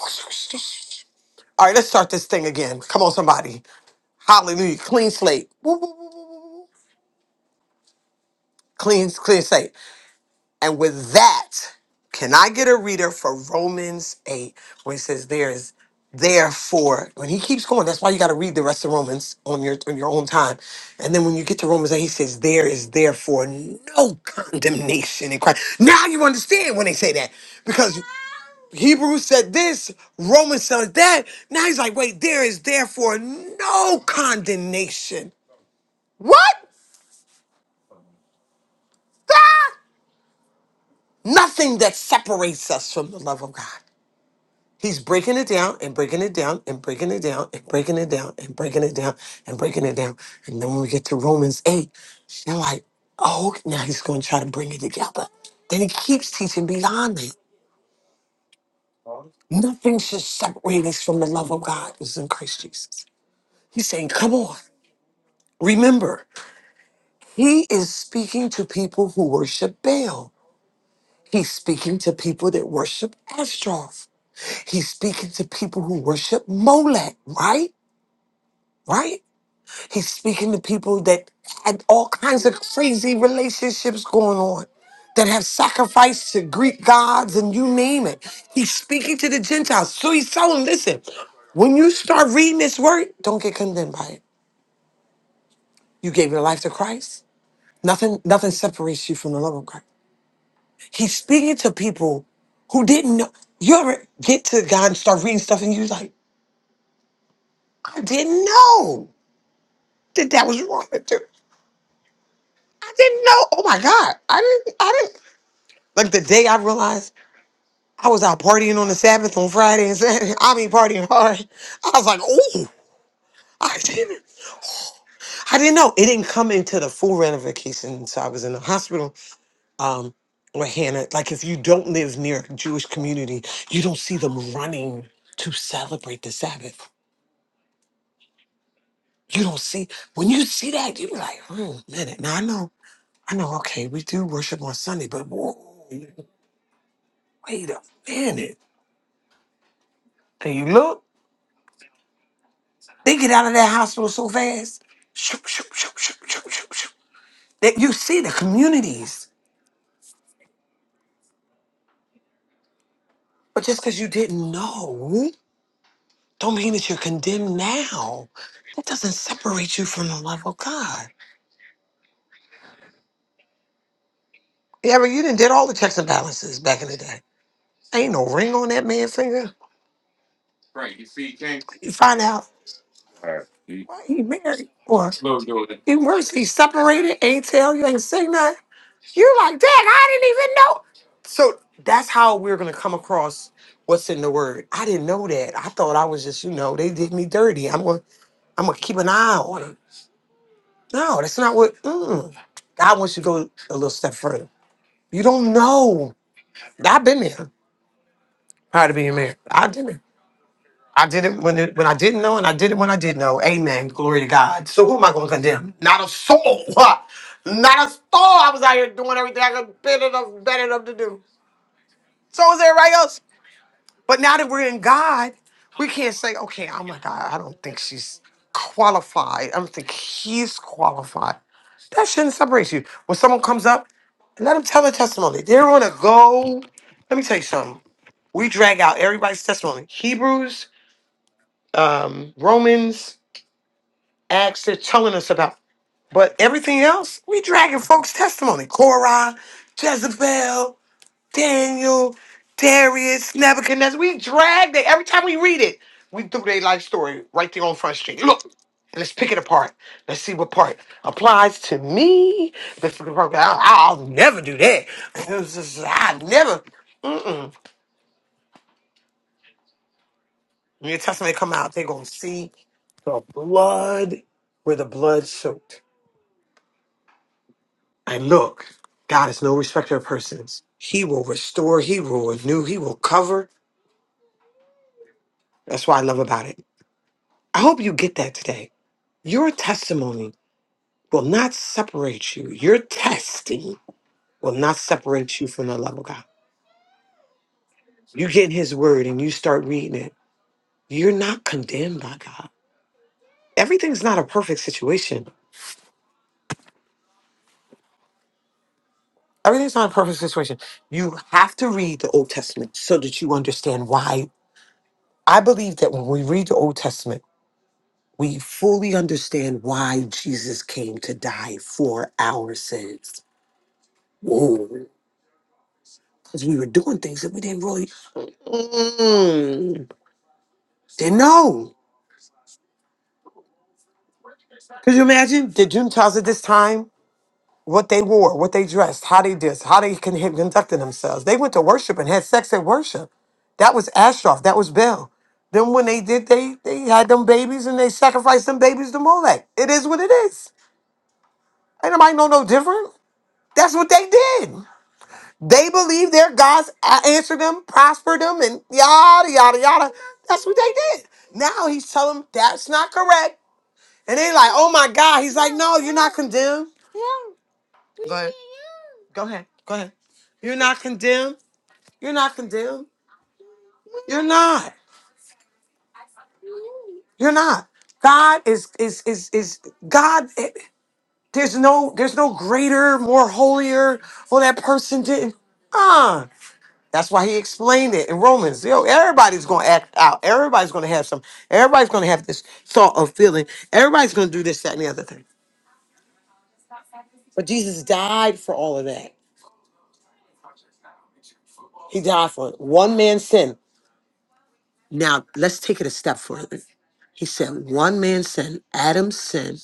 Speaker 1: All right, let's start this thing again. Come on, somebody. Hallelujah. Clean slate. Woo, woo, woo, woo, woo. Clean clean slate. And with that, can I get a reader for Romans 8 where it says there is therefore when he keeps going, that's why you gotta read the rest of Romans on your on your own time. And then when you get to Romans 8, he says, There is therefore no condemnation in Christ. Now you understand when they say that. Because Hebrews said this, Romans said that. Now he's like, wait, there is therefore no condemnation. What? the? Nothing that separates us from the love of God. He's breaking it down and breaking it down and breaking it down and breaking it down and breaking it down and breaking it down. And then when we get to Romans 8, you're like, oh, okay, now he's going to try to bring it together. Then he keeps teaching beyond that. Nothing should separate us from the love of God is in Christ Jesus. He's saying, come on. Remember, he is speaking to people who worship Baal. He's speaking to people that worship Ashtaroth. He's speaking to people who worship Molech, right? Right? He's speaking to people that had all kinds of crazy relationships going on, that have sacrificed to Greek gods and you name it. He's speaking to the Gentiles. So he's telling them, listen, when you start reading this word, don't get condemned by it. You gave your life to Christ. Nothing, nothing separates you from the love of Christ. He's speaking to people who didn't know. You ever get to God and start reading stuff and you're like, I didn't know that that was wrong to do. I didn't know. Oh my God. I didn't. I didn't. Like the day I realized I was out partying on the Sabbath on Friday and Saturday. I mean partying hard. I was like, ooh, I didn't I didn't know. It didn't come into the full ramification. So I was in the hospital. Um with Hannah, like if you don't live near a Jewish community, you don't see them running to celebrate the Sabbath. You don't see when you see that, you be like, oh minute. Now I know, I know, okay, we do worship on Sunday, but whoa, wait a minute. And you look. They get out of that hospital so fast. Shoop, shoop, shoop, shoop, shoop, shoop, shoop. That you see the communities. But just because you didn't know, don't mean that you're condemned now. It doesn't separate you from the love of God. Yeah, but you didn't did all the checks and balances back in the day. Ain't no ring on that man's finger. You find out All right. See? why he married. Boy. It worse. He separated. Ain't tell you. Ain't say nothing. You're like, Dad. I didn't even know. So that's how we're gonna come across what's in the word. I didn't know that. I thought I was just, you know, they did me dirty. I'm gonna, I'm gonna keep an eye on them. No, that's not what. Mm. God wants you to go a little step further. You don't know. I've been there. Prior to being married, I've been there. I did it when it, when I didn't know, and I did it when I did know. Amen. Glory to God. So who am I going to condemn? Not a soul. Not a soul. I was out here doing everything I could better enough, better enough to do. So was everybody else. But now that we're in God, we can't say, okay, oh my God, I don't think she's qualified. I don't think he's qualified. That shouldn't separate you. When someone comes up, let them tell their testimony. They're going to go. Let me tell you something. We drag out everybody's testimony. Hebrews, um, Romans. Acts is telling us about. But everything else, we dragging folks' testimony. Korah, Jezebel, Daniel, Darius, Nebuchadnezzar. We drag it. Every time we read it, we do their life story right there on Front Street. Look, let's pick it apart. Let's see what part applies to me. Let's pick it apart. I'll, I'll never do that. It's just- I never. Mm-mm. When your testament come out, they are going to see the blood where the blood soaked. And look, God is no respecter of persons. He will restore, He will renew, He will cover. That's what I love about it. I hope you get that today. Your testimony will not separate you. Your testing will not separate you from the love of God. You get in His Word and you start reading it. You're not condemned by God. Everything's not a perfect situation. Everything's not a perfect situation. You have to read the Old Testament so that you understand why. I believe that when we read the Old Testament, we fully understand why Jesus came to die for our sins. Whoa. Because we were doing things that we didn't really mm, didn't know. Could you imagine the Gentiles at this time? What they wore, what they dressed, how they did, how they con- conducted themselves. They went to worship and had sex at worship. That was Ashtaroth. That was Bel. Then when they did, they they had them babies and they sacrificed them babies to Molech. It is what it is. Ain't nobody know no different. That's what they did. They believe their gods a- answered them, prospered them, and yada yada yada. That's what they did. Now he's telling them that's not correct, and they like, "Oh my God!" He's like, "No, you're not condemned." Go ahead. Go ahead. Go ahead. You're not condemned. You're not condemned. You're not. You're not. God is is is is God. eh, There's no there's no greater, more holier. Well, that person didn't. Uh-uh. That's why he explained it in Romans. Yo, everybody's gonna act out. Everybody's gonna have some. Everybody's gonna have this thought of feeling. Everybody's gonna do this, that, and the other thing. But Jesus died for all of that. He died for it. one man's sin. Now let's take it a step further. He said one man's sin, Adam's sin,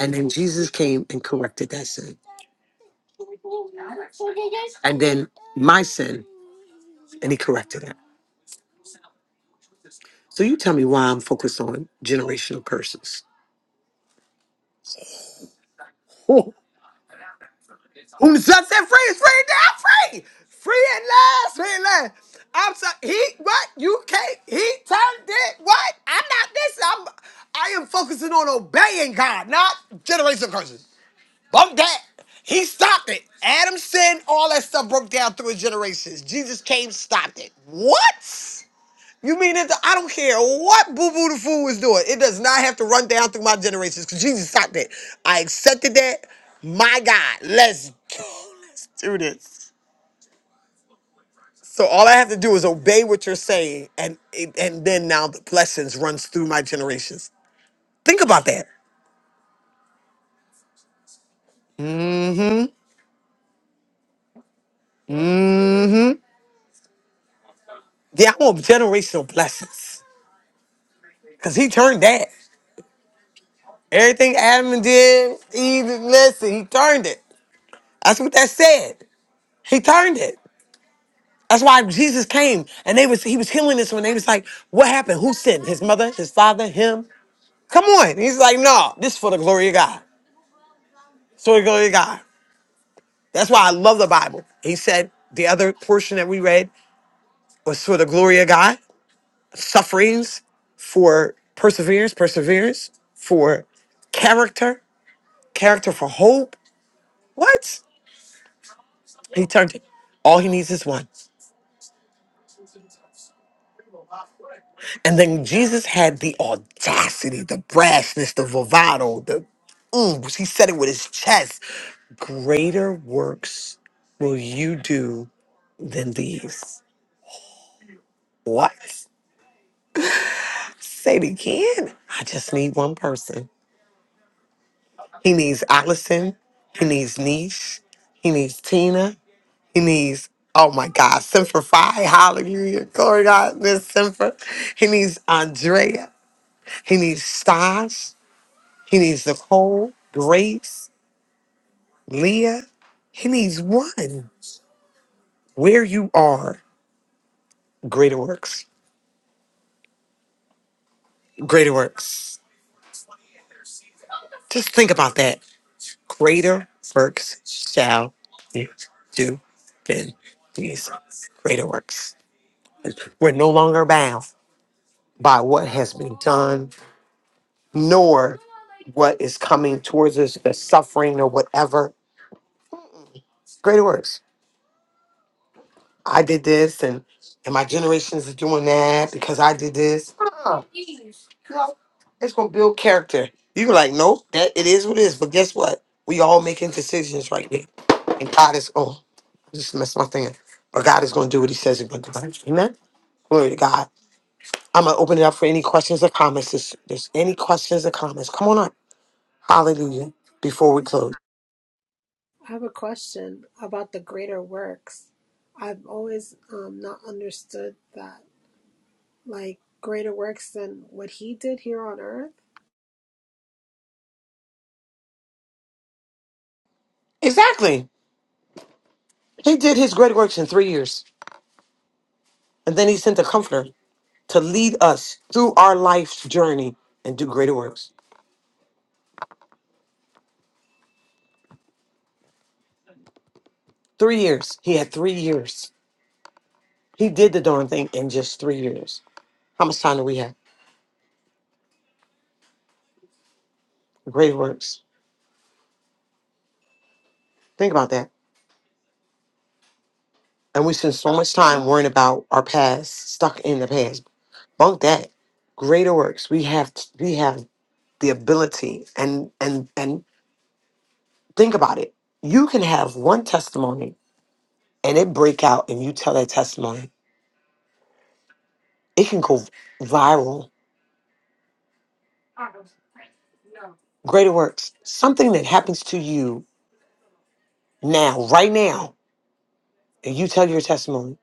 Speaker 1: and then Jesus came and corrected that sin, and then my sin, and he corrected it. So you tell me why I'm focused on generational curses. Who just said free is free now? Free, free at last, free at last. I'm sorry. He what? You can't. He turned it. What? I'm not this. I'm. I am focusing on obeying God, not generational curses. Bump that. He stopped it. Adam sin, all that stuff broke down through his generations. Jesus came, stopped it. What? You mean it? I don't care what Boo Boo the Fool is doing. It does not have to run down through my generations because Jesus stopped that. I accepted that. My God, let's go. Let's do this. So all I have to do is obey what you're saying, and and then now the blessings runs through my generations. Think about that. Mm-hmm. Yeah, I want generational blessings because he turned that. Everything Adam did, Eve, listen, he turned it. That's what that said. He turned it. That's why Jesus came and they was he was healing this one. They was like, What happened? Who sinned? His mother, his father, him? Come on. And he's like, No, this is for the glory of God. It's for the glory of God. That's why I love the Bible. He said the other portion that we read was for the glory of God, sufferings for perseverance, perseverance for character, character for hope. What? He turned it. All he needs is one. And then Jesus had the audacity, the brashness, the bravado, the ooh, he said it with his chest. Greater works will you do than these. What? Say it again. I just need one person. He needs Allison. He needs Niche. He needs Tina. He needs, oh my God, Semper Fi. Hallelujah. Glory to God, Miss Semper. He needs Andrea. He needs Stas. He needs Nicole, Grace. Leah, he needs one. Where you are, greater works. Greater works. Just think about that. Greater works shall you do than these greater works. We're no longer bound by what has been done, nor what is coming towards us, the suffering or whatever. Greater works. I did this and and my generations are doing that because I did this. Ah, It's gonna build character. You like, nope, that it is what it is. But guess what? We all making decisions right now. And God is oh, I just messed my thing up. But God is gonna do what he says he's gonna do. Amen. Glory to God. I'm gonna open it up for any questions or comments. If there's any questions or comments, come on up. Hallelujah. Before we close.
Speaker 3: I have a question about the greater works. I've always um, not understood that. Like, greater works than what he did here on earth?
Speaker 1: Exactly. He did his great works in three years. And then he sent a comforter to lead us through our life's journey and do greater works. Three years. He had three years He did the darn thing in just three years. How much time do we have? Great works. Think about that. And we spend so much time worrying about our past, stuck in the past. Bunk that. Greater works. We have we have the ability and and and think about it. You can have one testimony and it break out and you tell that testimony. It can go viral. Greater works. Something that happens to you now, right now, and you tell your testimony.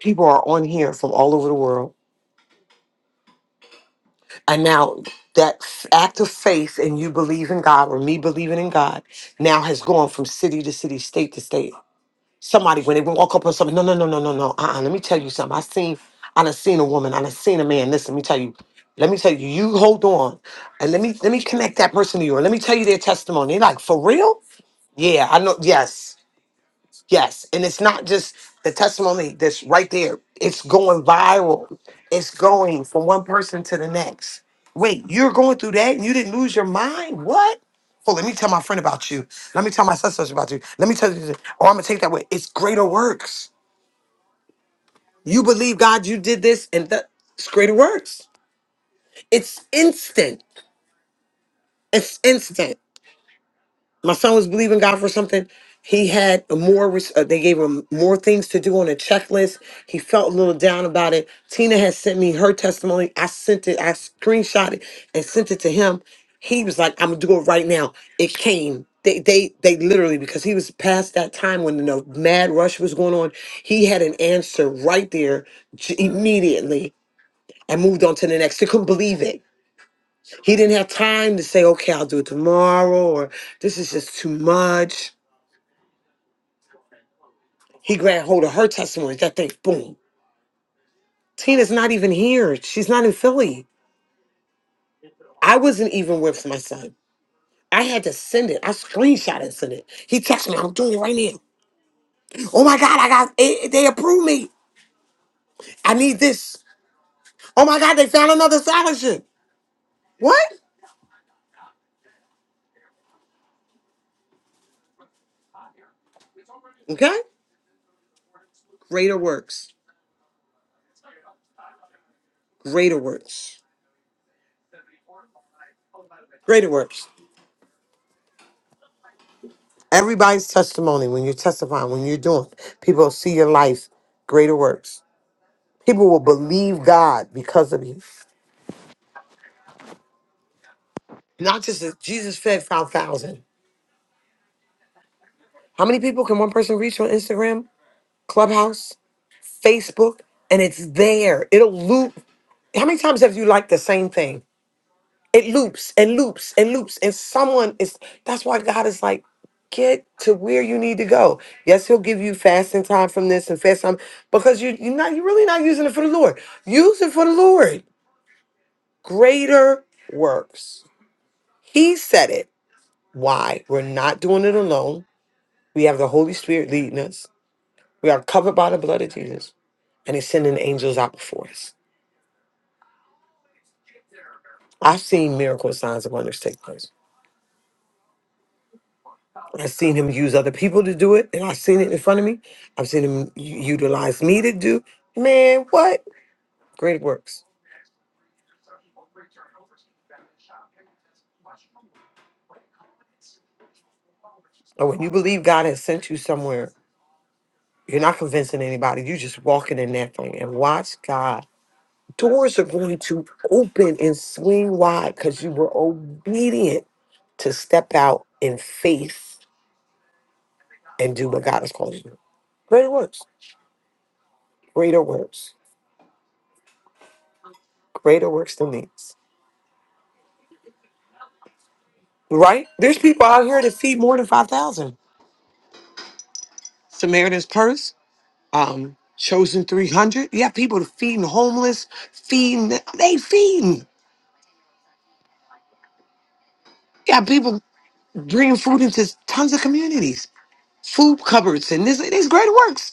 Speaker 1: People are on here from all over the world And now that f- act of faith and you believe in God or me believing in God now has gone from city to city, state to state. Somebody, when they walk up on something, no, no, no, no, no, no. Uh-uh. Let me tell you something. I seen, I done seen a woman, I done seen a man. Listen, let me tell you. Let me tell you, you hold on and let me let me connect that person to you. Or let me tell you their testimony. They Like, for real? Yeah, I know. Yes. Yes, and it's not just the testimony that's right there. It's going viral. It's going from one person to the next. Wait, you're going through that and you didn't lose your mind? What? Oh, let me tell my friend about you. Let me tell my sister about you. Let me tell you. this. Oh, I'm gonna take that way. It's greater works. You believe God, you did this, and that it's greater works. It's instant. It's instant. my son was believing God for something. He had more. res- Uh, they gave him more things to do on a checklist. He felt a little down about it. Tina had sent me her testimony. I sent it. I screenshot it and sent it to him. He was like, "I'm gonna do it right now." It came. They, they, they literally because he was past that time when the mad rush was going on. He had an answer right there j- immediately and moved on to the next. He couldn't believe it. He didn't have time to say, "Okay, I'll do it tomorrow," or "This is just too much." He grabbed hold of her testimony. That thing, boom. Tina's not even here. She's not in Philly. I wasn't even with my son. I had to send it. I screenshot and sent it. He texted me, I'm doing it right now. Oh my God, I got, eh, they approved me. I need this. Oh my God, they found another scholarship. What? Okay. Greater works. Greater works. Greater works. Everybody's testimony when you're testifying, when you're doing, people will see your life. Greater works. People will believe God because of you. Not just that Jesus fed 5,000. How many people can one person reach on Instagram, Clubhouse, Facebook? And it's there. It'll loop. How many times have you liked the same thing? It loops and loops and loops. And someone is, that's why God is like, get to where you need to go. Yes, he'll give you fasting time from this and fast time because you, you're not, you're really not using it for the Lord. Use it for the Lord. Greater works. He said it. Why? We're not doing it alone. We have the Holy Spirit leading us. We are covered by the blood of Jesus, and He's sending angels out before us. I've seen miracle signs and wonders take place. I've seen Him use other people to do it, and I've seen it in front of me. I've seen Him u- utilize me to do. Man, what great works! And when you believe God has sent you somewhere, you're not convincing anybody. You're just walking in that thing and watch God. Doors are going to open and swing wide because you were obedient to step out in faith and do what God has called you to do. Greater works, greater works, greater works than these. Right? There's people out here that feed more than 5,000. Samaritan's Purse, um, Chosen 300. You have people feeding homeless, feeding, they feeding. You have people bringing food into tons of communities, food cupboards, and this, these greater works.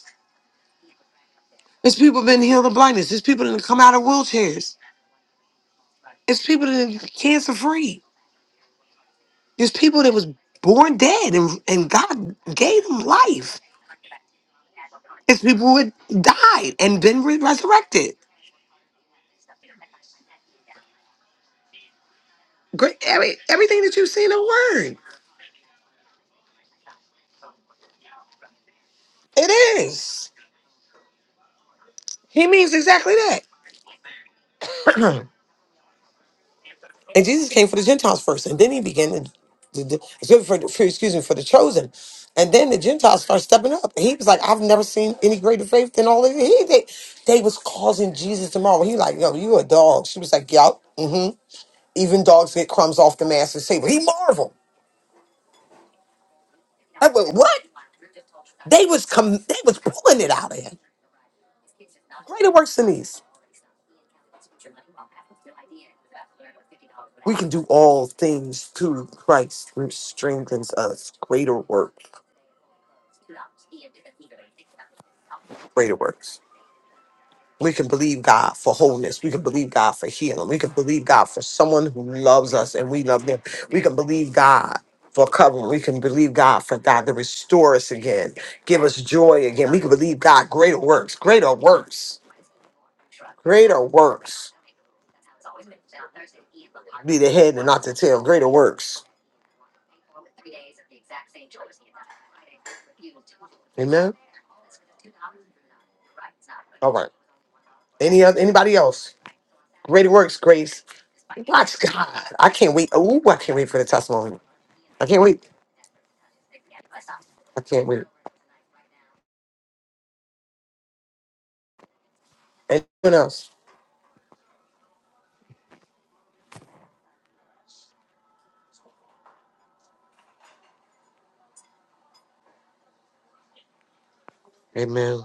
Speaker 1: There's people been healed of blindness. There's people that come out of wheelchairs. There's people that are cancer free. There's people that was born dead and, and God gave them life It's people who had died and been re- resurrected. Great, every, everything that you've seen in the word, it is. He means exactly that. and Jesus came for the Gentiles first, and then he began to, to, to- excuse me, for, for- excuse me, for the chosen. And then the Gentiles started stepping up. And he was like, I've never seen any greater faith than all of you. He, they, they was causing Jesus tomorrow. He like, yo, you a dog. She was like, yup, mm-hmm. Even dogs get crumbs off the master's table. He marveled. I went, what? They was com- they was pulling it out of him. It works in these. We can do all things through Christ who strengthens us. Greater work, greater works. We can believe God for wholeness. We can believe God for healing. We can believe God for someone who loves us and we love them. We can believe God for covering. We can believe God for God to restore us again, give us joy again. We can believe God greater works, greater works, greater works. Be the head and not the tail, greater works. Amen. All right. Any other anybody else? Great works, Grace. Watch God. I can't wait. Ooh, I can't wait for the testimony. I can't wait. I can't wait. Anyone else? Amen.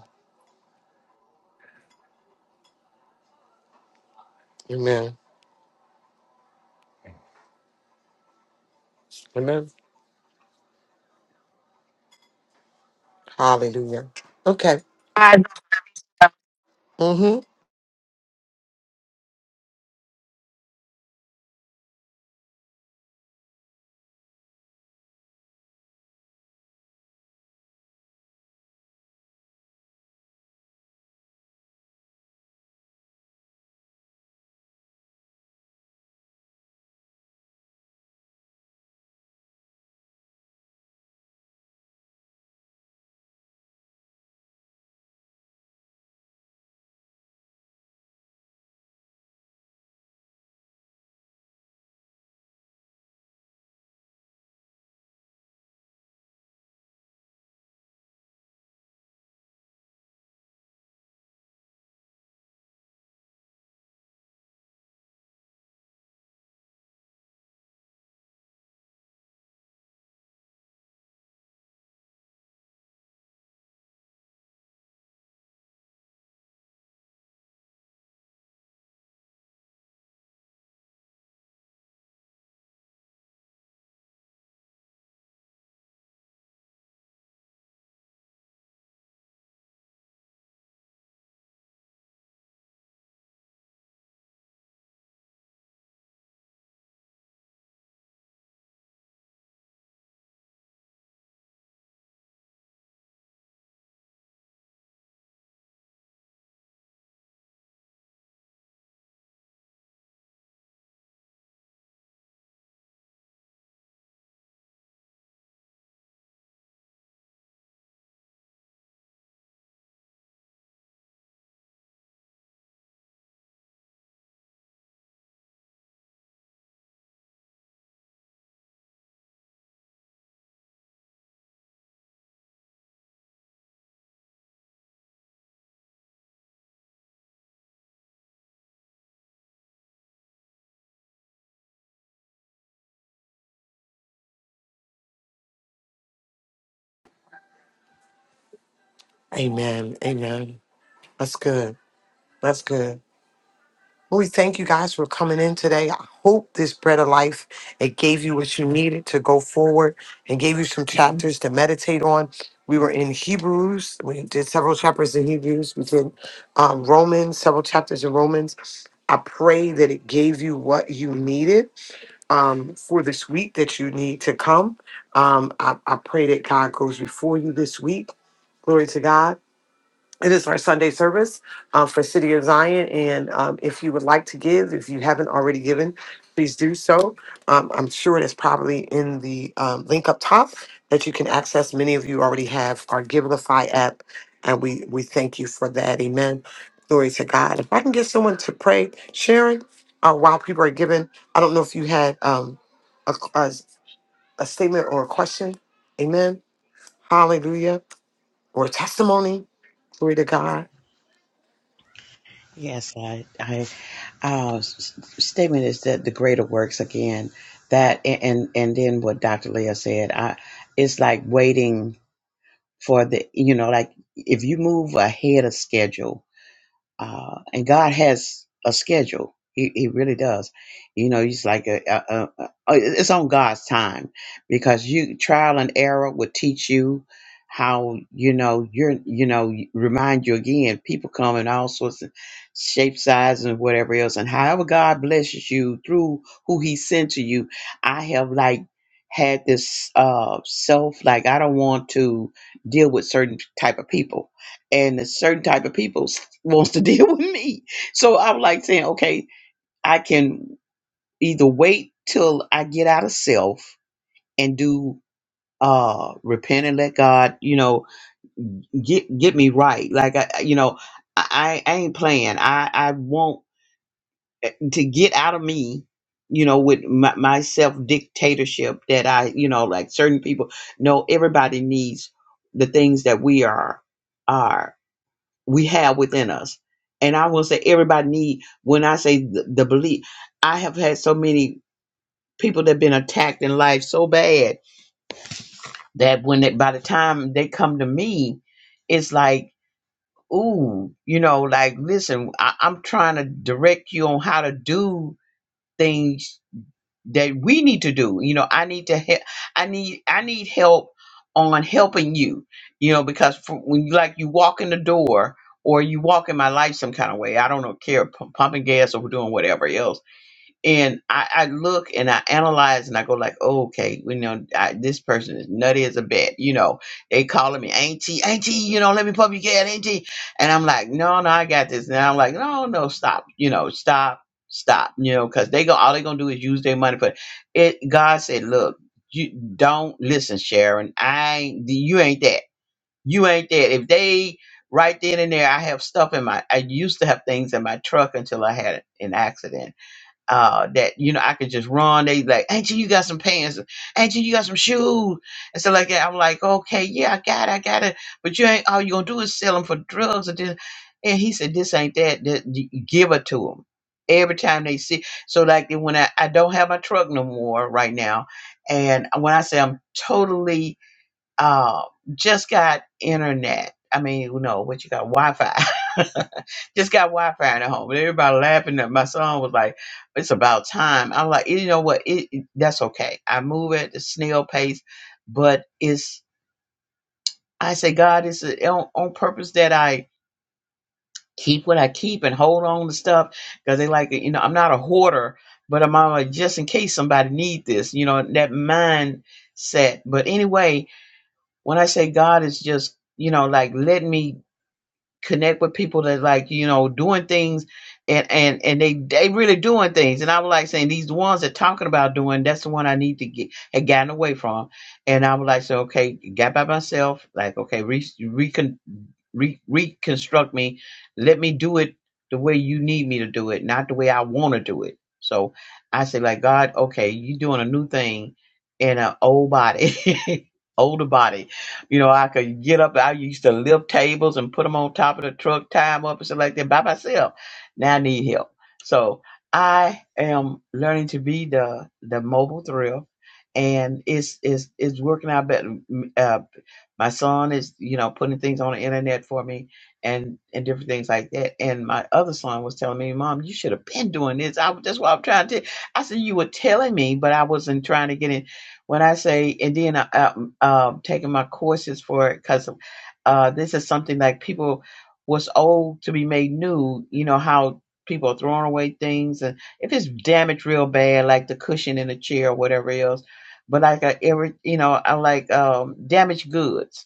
Speaker 1: Amen. Amen. Hallelujah. Okay. Mm-hmm. Amen. Amen. That's good. That's good. We thank you guys for coming in today. I hope this bread of life it gave you what you needed to go forward and gave you some chapters to meditate on. We were in Hebrews. We did several chapters in Hebrews. We did um, Romans, several chapters in Romans. I pray that it gave you what you needed um, for this week that you need to come. Um, I, I pray that God goes before you this week. Glory to God it is our Sunday service uh, for City of Zion. And um, if you would like to give, if you haven't already given, please do so. Um, I'm sure it is probably in the um, link up top that you can access. Many of you already have our Givelify app, and we, we thank you for that. Amen. Glory to God. If I can get someone to pray, Sharon, uh, while people are giving, I don't know if you had um, a, a, a statement or a question. Amen. Hallelujah. Or a testimony. Glory to God.
Speaker 6: Yes, I, I, uh, s- statement is that the greater works again, that, and, and and then what Dr. Leah said, I, it's like waiting for the, you know, like if you move ahead of schedule, uh, and God has a schedule. He, he really does. You know, he's like a, a, a, a- it's on God's time because you trial and error would teach you how you know you're you know remind you again people come in all sorts of shapes sizes and whatever else and however god blesses you through who he sent to you i have like had this uh self like i don't want to deal with certain type of people and a certain type of people s- wants to deal with me. So I'm like saying, okay, I can either wait till I get out of self and do uh repent and let God, you know, get get me right. Like I, I- you know, I, I ain't playing. I I want eh, to get out of me. You know, with my, my self dictatorship that I, you know, like certain people. No, everybody needs the things that we are are. we have within us. And I will say everybody need when I say the, the belief, I have had so many people that been attacked in life so bad that when they, by the time they come to me, it's like, ooh, you know, like listen, I, I'm trying to direct you on how to do things that we need to do. You know, I need to help. I need I need help on helping you. You know, because for, when you like you walk in the door or you walk in my life some kind of way, I don't know, care p- pumping gas or doing whatever else and I, I look and I analyze and I go like, oh, okay, you know, I, this person is nutty as a bat. You know, they calling me auntie, auntie. You know, let me pump your gas, auntie. And I'm like, no, no, I got this. And I'm like, no, no, stop. You know, stop, stop. You know, because they go, all they gonna do is use their money for it. God said, look, you don't listen, Sharon. I ain't, you ain't that. You ain't that. If they right then and there, I have stuff in my. I used to have things in my truck until I had an accident uh that you know I could just run. They like, Angie, you got some pants, Angie, you got some shoes, and so like that. I'm like, okay, yeah, I got, it, I got it, but you ain't all you gonna do is sell them for drugs and this. And he said, this ain't that. that you give it to them every time they see. So like when I I don't have my truck no more right now, and when I say I'm totally uh, just got internet. I mean, you know, what you got Wi Fi. just got Wi Fi in the home. And everybody laughing at my son was like, it's about time. I'm like, you know what? It, it- that's okay. I move at the snail pace, but it's, I say, God, it's uh, on, on purpose that I keep what I keep and hold on to stuff because they like, you know, I'm not a hoarder, but I'm on a just in case somebody need this, you know, that mindset. But anyway, when I say God is just, you know, like let me connect with people that like, you know, doing things and and and they they really doing things. And I was like saying these ones that talking about doing, that's the one I need to get had gotten away from. And I was like, so okay, got by myself, like okay, re, recon, Re- reconstruct me. Let me do it the way you need me to do it, not the way I want to do it. So I say, like, God, okay, you're doing a new thing in an old body, older body. You know, I could get up. I used to lift tables and put them on top of the truck, tie them up and stuff like that by myself. Now I need help. So I am learning to be the the mobile thrill, and it's it's it's working out better. Uh, my son is, you know, putting things on the internet for me and and different things like that. And my other son was telling me, Mom, you should have been doing this. I that's what I'm trying to. I said you were telling me, but I wasn't trying to get in. When I say, and then I, I um, taking my courses for it because uh, this is something like people was old to be made new. You know how people are throwing away things, and if it's damaged real bad, like the cushion in the chair or whatever else. But like I every, you know, I like um, damaged goods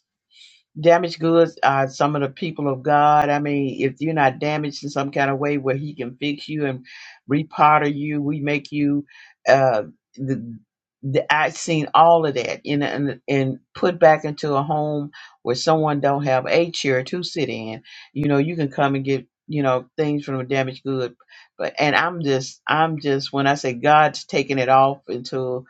Speaker 6: damaged goods are some of the people of God. I mean, if you're not damaged in some kind of way where He can fix you and repotter you, we make you. Uh, the, the I've seen all of that in and and put back into a home where someone don't have a chair to sit in. You know, you can come and get you know things from a damaged good, but and I'm just I'm just when I say God's taking it off into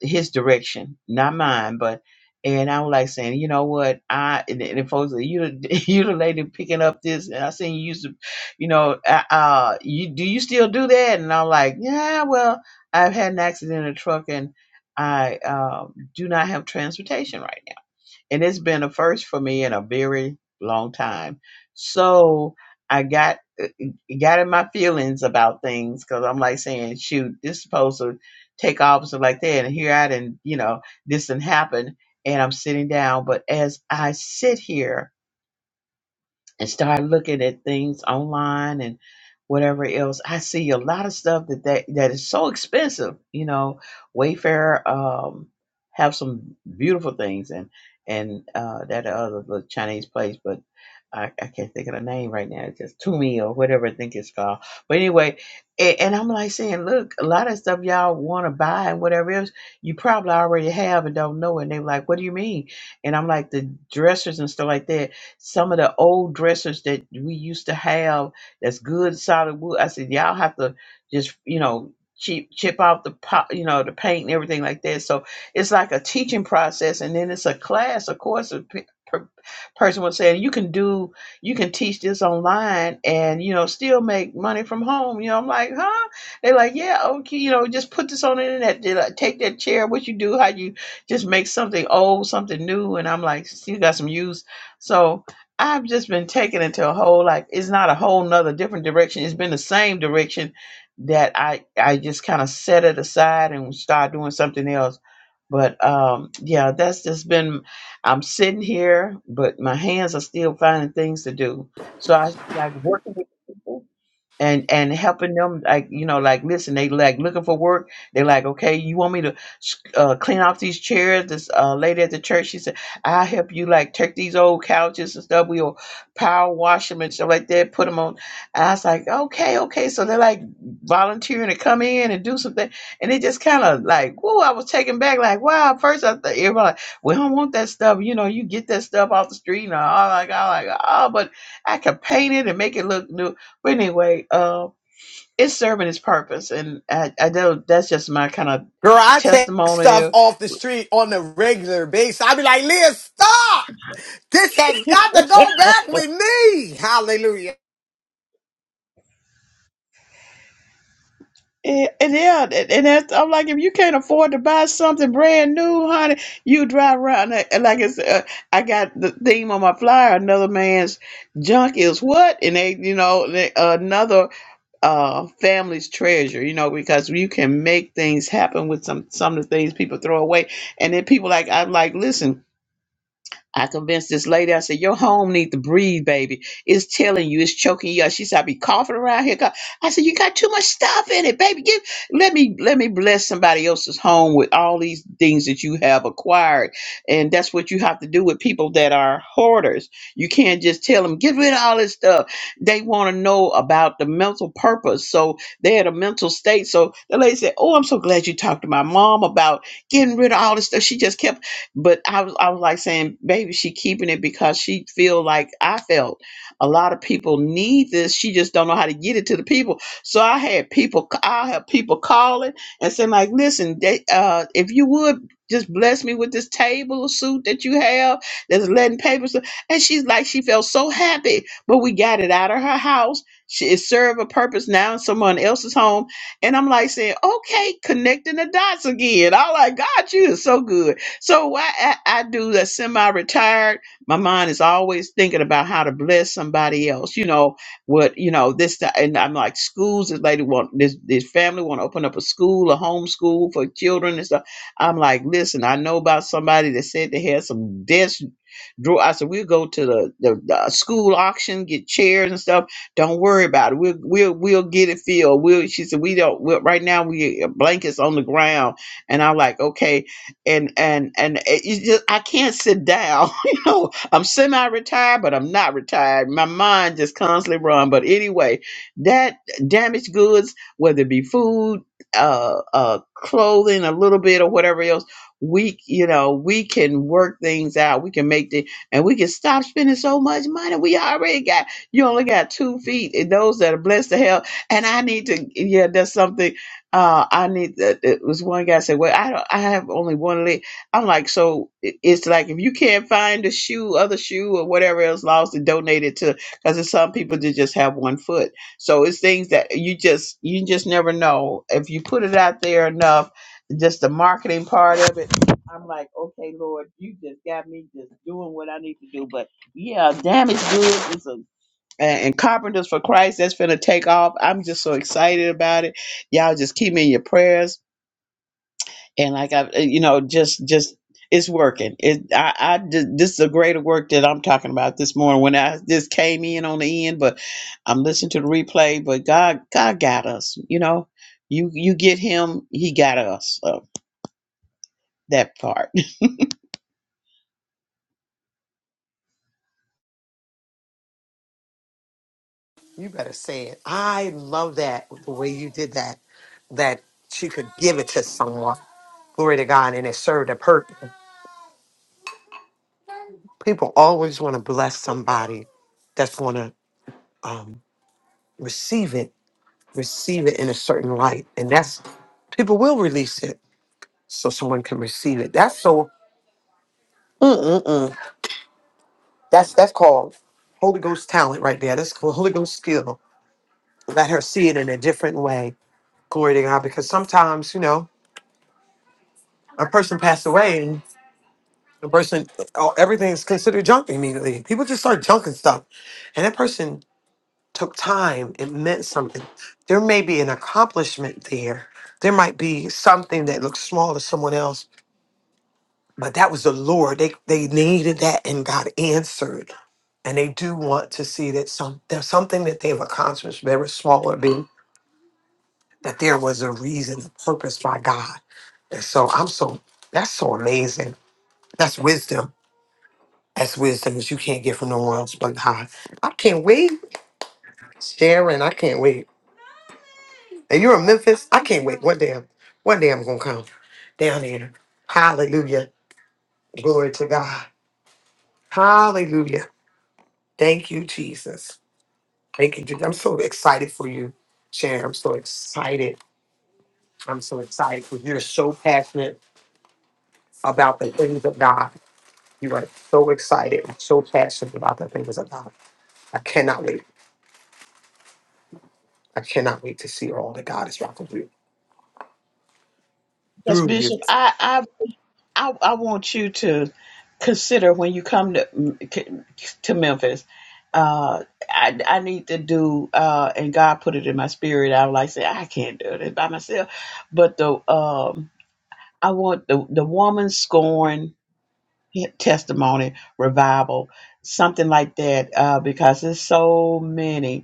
Speaker 6: his direction, not mine. But and I was like saying, you know what, I and, and then folks, you the- you the lady picking up this, and I seen you used to, you know, uh, uh, you do you still do that? And I'm like, yeah, well, I've had an accident in a truck, and I um, do not have transportation right. now." and it's been a first for me in a very long time. So I got got in my feelings about things because I'm like saying, shoot, this is supposed to take off so like that, and here I didn't, you know, this didn't happen, and I'm sitting down. But as I sit here and start looking at things online and whatever else, I see a lot of stuff that that, that is so expensive. You know, Wayfair um, have some beautiful things and and uh, that other little Chinese place, but I, I can't think of the name right now. It's just Tumi or whatever I think it's called. But anyway, and, and I'm like saying, look, a lot of stuff y'all want to buy and whatever else, you probably already have and don't know. And they're like, what do you mean? And I'm like, the dressers and stuff like that some of the old dressers that we used to have that's good solid wood. I said, y'all have to just, you know, chip chip out the pop, you know, the paint and everything like that. So it's like a teaching process and then it's a class, of course, a pe- per- person was saying you can do you can teach this online and you know still make money from home you know i'm like huh they're like yeah okay you know just put this on the internet They're like, take that chair what you do how you just make something old something new and i'm like still got some use so I've just been taken into a whole like it's not a whole nother different direction. It's been the same direction that I I just kind of set it aside and start doing something else. But um yeah, that's just been I'm sitting here, but my hands are still finding things to do. So I like working with people and and helping them like you know like listen they like looking for work they like okay you want me to uh, clean off these chairs this uh, lady at the church she said i'll help you like take these old couches and stuff we'll power wash them and stuff like that put them on and i was like okay okay so they're like volunteering to come in and do something and it just kind of like whoa i was taken back like wow first i thought everybody like we don't want that stuff you know you get that stuff off the street and all like i like oh but i could paint it and make it look new but anyway, uh, it's serving its purpose, and I, I know that's just my kind of
Speaker 1: Girl, I take stuff
Speaker 6: testimonial.
Speaker 1: off the street on a regular basis. I be like, Leah, stop! This has got to go back with me. Hallelujah.
Speaker 6: And, and yeah, and and that's, I'm like, if you can't afford to buy something brand new, honey, you drive around and and like it's. Uh, I got the theme on my flyer. Another man's junk is what, and they, you know, they, another uh, family's treasure. You know, because you can make things happen with some some of the things people throw away, and then people like I'm like, listen I convinced this lady, I said, Your home need to breathe, baby. It's telling you, it's choking you up. She said, I be coughing around here. cough." I said, You got too much stuff in it, baby. Give let me let me bless somebody else's home with all these things that you have acquired. And that's what you have to do with people that are hoarders. You can't just tell them, get rid of all this stuff. They want to know about the mental purpose. So they're at a mental state. So the lady said, Oh, I'm so glad you talked to my mom about getting rid of all this stuff. She just kept but I was I was like saying, baby, she keeping it because she feel like I felt a lot of people need this. She just don't know how to get it to the people. So I had people c- I have people calling and saying like, listen, they, uh, if you would just bless me with this table of suit that you have that's letting papers. And she's like, she felt so happy, but we got it out of her house. She, it served a purpose now in someone else's home. And I'm like saying, okay, connecting the dots again. I like, God, you is so good. So why I, I do the semi-retired, my mind is always thinking about how to bless somebody else. You know what? You know this, that, and I'm like schools. This lady want this this family want to open up a school, a homeschool for children and stuff. I'm like, listen, I know about somebody that said they had some desk drawer. I said we'll go to the, the the uh, school auction, get chairs and stuff. Don't worry about it. We'll we'll we'll get it filled. We'll. She said we don't. We'll, right now we uh, blankets on the ground, and I'm like, okay and and and it it's just I can't sit down. you know, I'm semi-retired, but I'm not retired. My mind just constantly run. But anyway, that damaged goods, whether it be food, uh, uh, clothing, a little bit or whatever else, we you know we can work things out. We can make the and we can stop spending so much money. We already got you only got two feet, and those that are blessed to hell. And I need to yeah, that's something uh, I need. Uh, it was one guy said, "Well, I don't. I have only one leg." I'm like, so it- it's like if you can't find a shoe, other shoe, or whatever else lost and donate it to, because there's some people that just have one foot. So it's things that you just you just never know if you put it out there enough. Just the marketing part of it. I'm like, okay, Lord, you just got me just doing what I need to do. But yeah, damage goods is a and, and Carpenters for Christ that's going to take off. I'm just so excited about it. Y'all just keep me in your prayers. And like I, uh, you know, just just it's working. It I I just, this is a greater work that I'm talking about this morning when I just came in on the end, but I'm listening to the replay. But God God got us. You know, you you get him, he got us. So that part.
Speaker 1: You better say it. I love that the way you did that. That she could give it to someone. Glory to God, and it served a purpose. People always want to bless somebody that's going to um, receive it, receive it in a certain light, and that's people will release it so someone can receive it. That's so. Mm-mm-mm. That's that's called Holy Ghost talent right there. That's called Holy Ghost skill. Let her see it in a different way. Glory to God. Because sometimes, you know, a person passed away and the person oh, everything's considered junk immediately. People just start junking stuff. And that person took time. It meant something. There may be an accomplishment there. There might be something that looks small to someone else, But that was the Lord. They they needed that and God answered. And they do want to see that some there's something that they've accomplished, whatever small or big, that there was a reason, a purpose by God. And so I'm so that's so amazing. That's wisdom. That's wisdom that you can't get from no one else but God. I can't wait. Sharon, I can't wait. And you're in Memphis? I can't wait. One day I'm one day I'm gonna come down here. Hallelujah. Glory to God. Hallelujah. Thank you, Jesus. Thank you, Judy. I'm so excited for you, Sharon. I'm so excited. I'm so excited for you. You're so passionate about the things of God. You are so excited and so passionate about the things of God. I cannot wait. I cannot wait to see all that God is rocking through
Speaker 6: Yes,
Speaker 1: through you.
Speaker 6: Bishop. I I, I want you to consider when you come to to Memphis. Uh, I I need to do, uh, and God put it in my spirit. I was like, say I can't do this by myself, but the um, I want the the woman scorn testimony revival, something like that, uh, because there's so many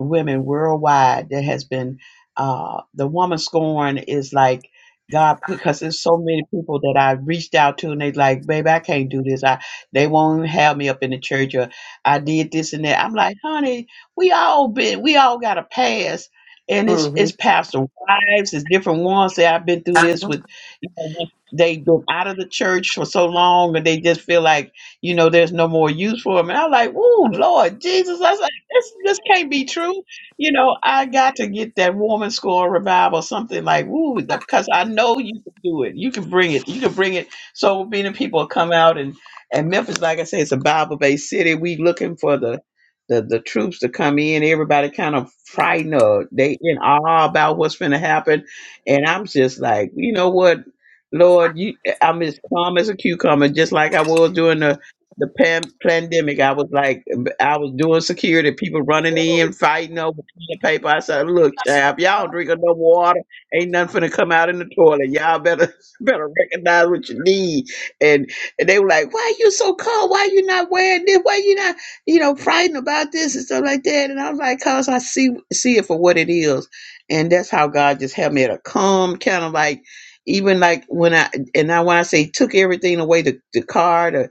Speaker 6: women worldwide that has been uh, the woman scorn is like God put because there's so many people that I reached out to and they like, baby, I can't do this. I they won't have me up in the church or I did this and that. I'm like, honey, we all been we all got a past. And it's it's
Speaker 1: Mhm.
Speaker 6: pastor wives, it's different ones that I've been through this with
Speaker 1: That's
Speaker 6: you know, they've been out of the church for so long and they just feel like, you know, there's no more use for them. And I'm like, ooh, Lord Jesus, this this can't be true. You know, I got to get that woman score revival, something like woo, because I know you can do it. You can bring it. You can bring it. So many people come out and and Memphis, like I say, it's a Bible based city. We looking for the the the troops to come in. Everybody kind of frightened or they in awe about what's going to happen. And I'm just like, you know what, Lord, you, I'm as calm as a cucumber, just like I was doing the the pan- pandemic, I was like, I was doing security, people running in, fighting over the paper. I said, "Look, chap, y'all don't drink enough water. Ain't nothing finna come out in the toilet. Y'all better better recognize what you need." And, and they were like, "Why you so cold? Why you not wearing this? Why you not, you know, frightened about this and stuff like that?" And I was like, "Cause I see see it for what it is." And that's how God just helped me to a calm kind of like. Even like when I and now when I say took everything away the, the car,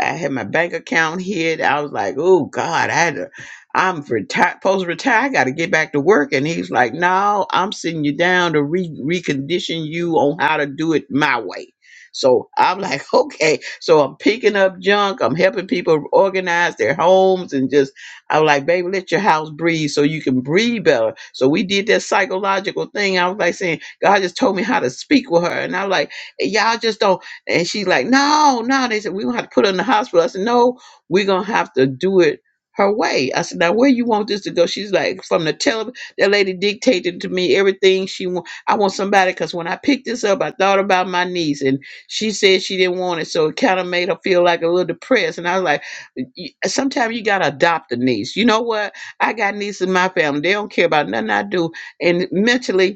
Speaker 6: I had my bank account hit. I was like, oh God, I had to, I'm retired, post retire. I got to get back to work. And he's like, no, I'm sitting you down to re- recondition you on how to do it my way. So I'm like, okay. So I'm picking up junk. I'm helping people organize their homes and just, I'm like, baby, let your house breathe so you can breathe better. So we did that psychological thing. I was like saying, God just told me how to speak with her. And I'm like, y'all just don't. And she's like, no, no. They said, we don't have to put her in the hospital. I said, no, we're going to have to do it her way. I said, now where you want this to go? She's like, from the television, that lady dictated to me everything she want. I want somebody, because when I picked this up, I thought about my niece and she said she didn't want it. So it kind of made her feel like a little depressed. And I was like, "Y- sometimes you got to adopt a niece. You know what? I got nieces in my family. They don't care about nothing I do. And mentally,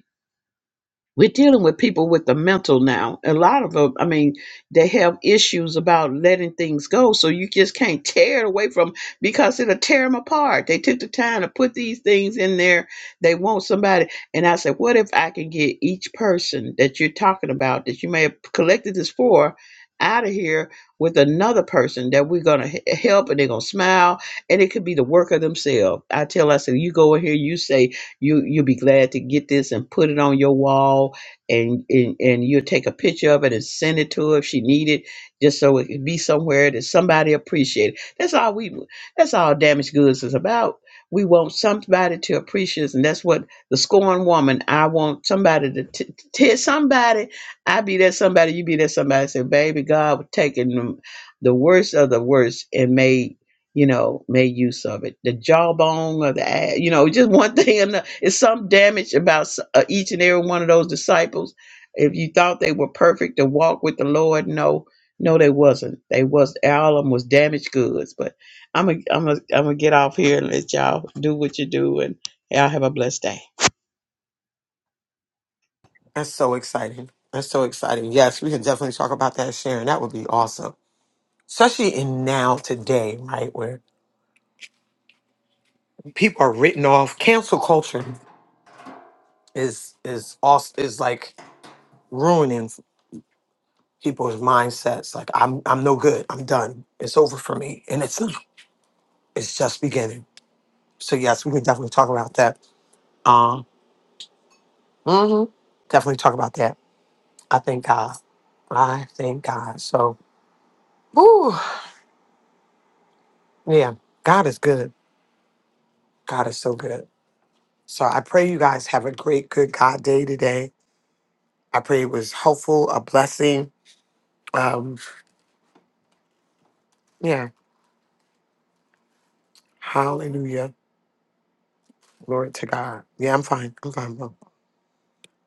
Speaker 6: we're dealing with people with the mental now. A lot of them, I mean, they have issues about letting things go. So you just can't tear it away from because it'll tear them apart. They took the time to put these things in there. They want somebody. And I said, what if I can get each person that you're talking about that you may have collected this for out of here with another person that we're going to help and they're going to smile and it could be the work of themselves. I tell, I said, you go in here, you say, you you'll be glad to get this and put it on your wall and and, and you'll take a picture of it and send it to her if she need it just so it can be somewhere that somebody appreciate it that's all we that's all damaged goods is about we want somebody to appreciate us and that's what the scorned woman i want somebody to t- t- tell somebody i be that somebody you be that somebody say baby god was taking them the worst of the worst and made you know, made use of it. The jawbone or the, ass, you know, just one thing. Another. It's some damage about s- uh, each and every one of those disciples. If you thought they were perfect to walk with the Lord, no, no, they wasn't. They was all of them was damaged goods. But I'm gonna, I'm gonna, I'm gonna get off here and let y'all do what you do, and y'all have a blessed day.
Speaker 1: so exciting. That's so exciting. Yes, we can definitely talk about that, Sharon. That would be awesome. Especially in now today, right, where people are written off. Cancel culture is is also is like ruining. people's mindsets like i'm i'm no good i'm done it's over for me and it's not it's just beginning so yes we can definitely talk about that um mhm, definitely talk about that i thank god i thank god so whew, yeah god is good god is so good so i pray you guys have a great good god day today i pray it was helpful a blessing um yeah hallelujah glory to god yeah i'm fine i'm fine bro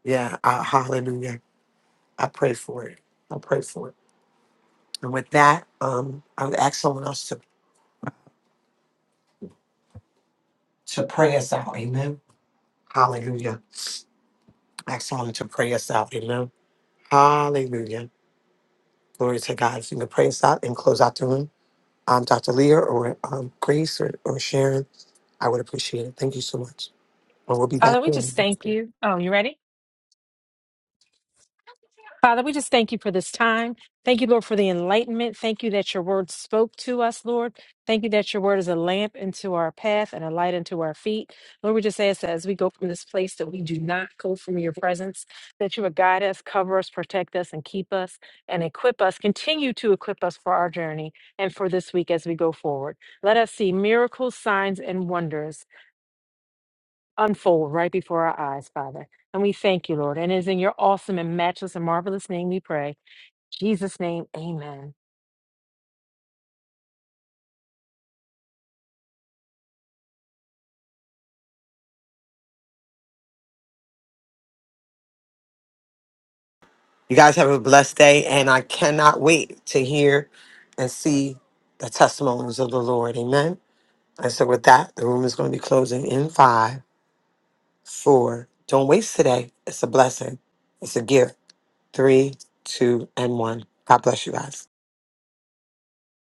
Speaker 1: yeah uh, hallelujah I pray for it. I pray for it. And with that, um, I'm ask someone else to, to pray us out. Amen. Hallelujah. Ask someone to pray us out. Amen. Hallelujah. Glory to God. If you can pray us out and close out the room, um, Dr. Leah or um, Grace or, or Sharon, I would appreciate it. Thank you so much. And we'll be back.
Speaker 2: Father, we
Speaker 1: There.
Speaker 2: just thank you. Oh, you ready? Father, we just thank you for this time. Thank you, Lord, for the enlightenment. Thank you that your word spoke to us, Lord. Thank you that your word is a lamp into our path and a light into our feet. Lord, we just ask that as we go from this place that we do not go from your presence, that you would guide us, cover us, protect us, and keep us and equip us, continue to equip us for our journey and for this week as we go forward. Let us see miracles, signs, and wonders unfold right before our eyes, Father. And we thank you, Lord. And it is in your awesome and matchless and marvelous name we pray. Jesus' name, amen.
Speaker 1: You guys have a blessed day, and I cannot wait to hear and see the testimonies of the Lord. Amen. And so, with that, the room is going to be closing in five, four. Don't waste today. It's a blessing, it's a gift. Three, two, and one. God bless you guys.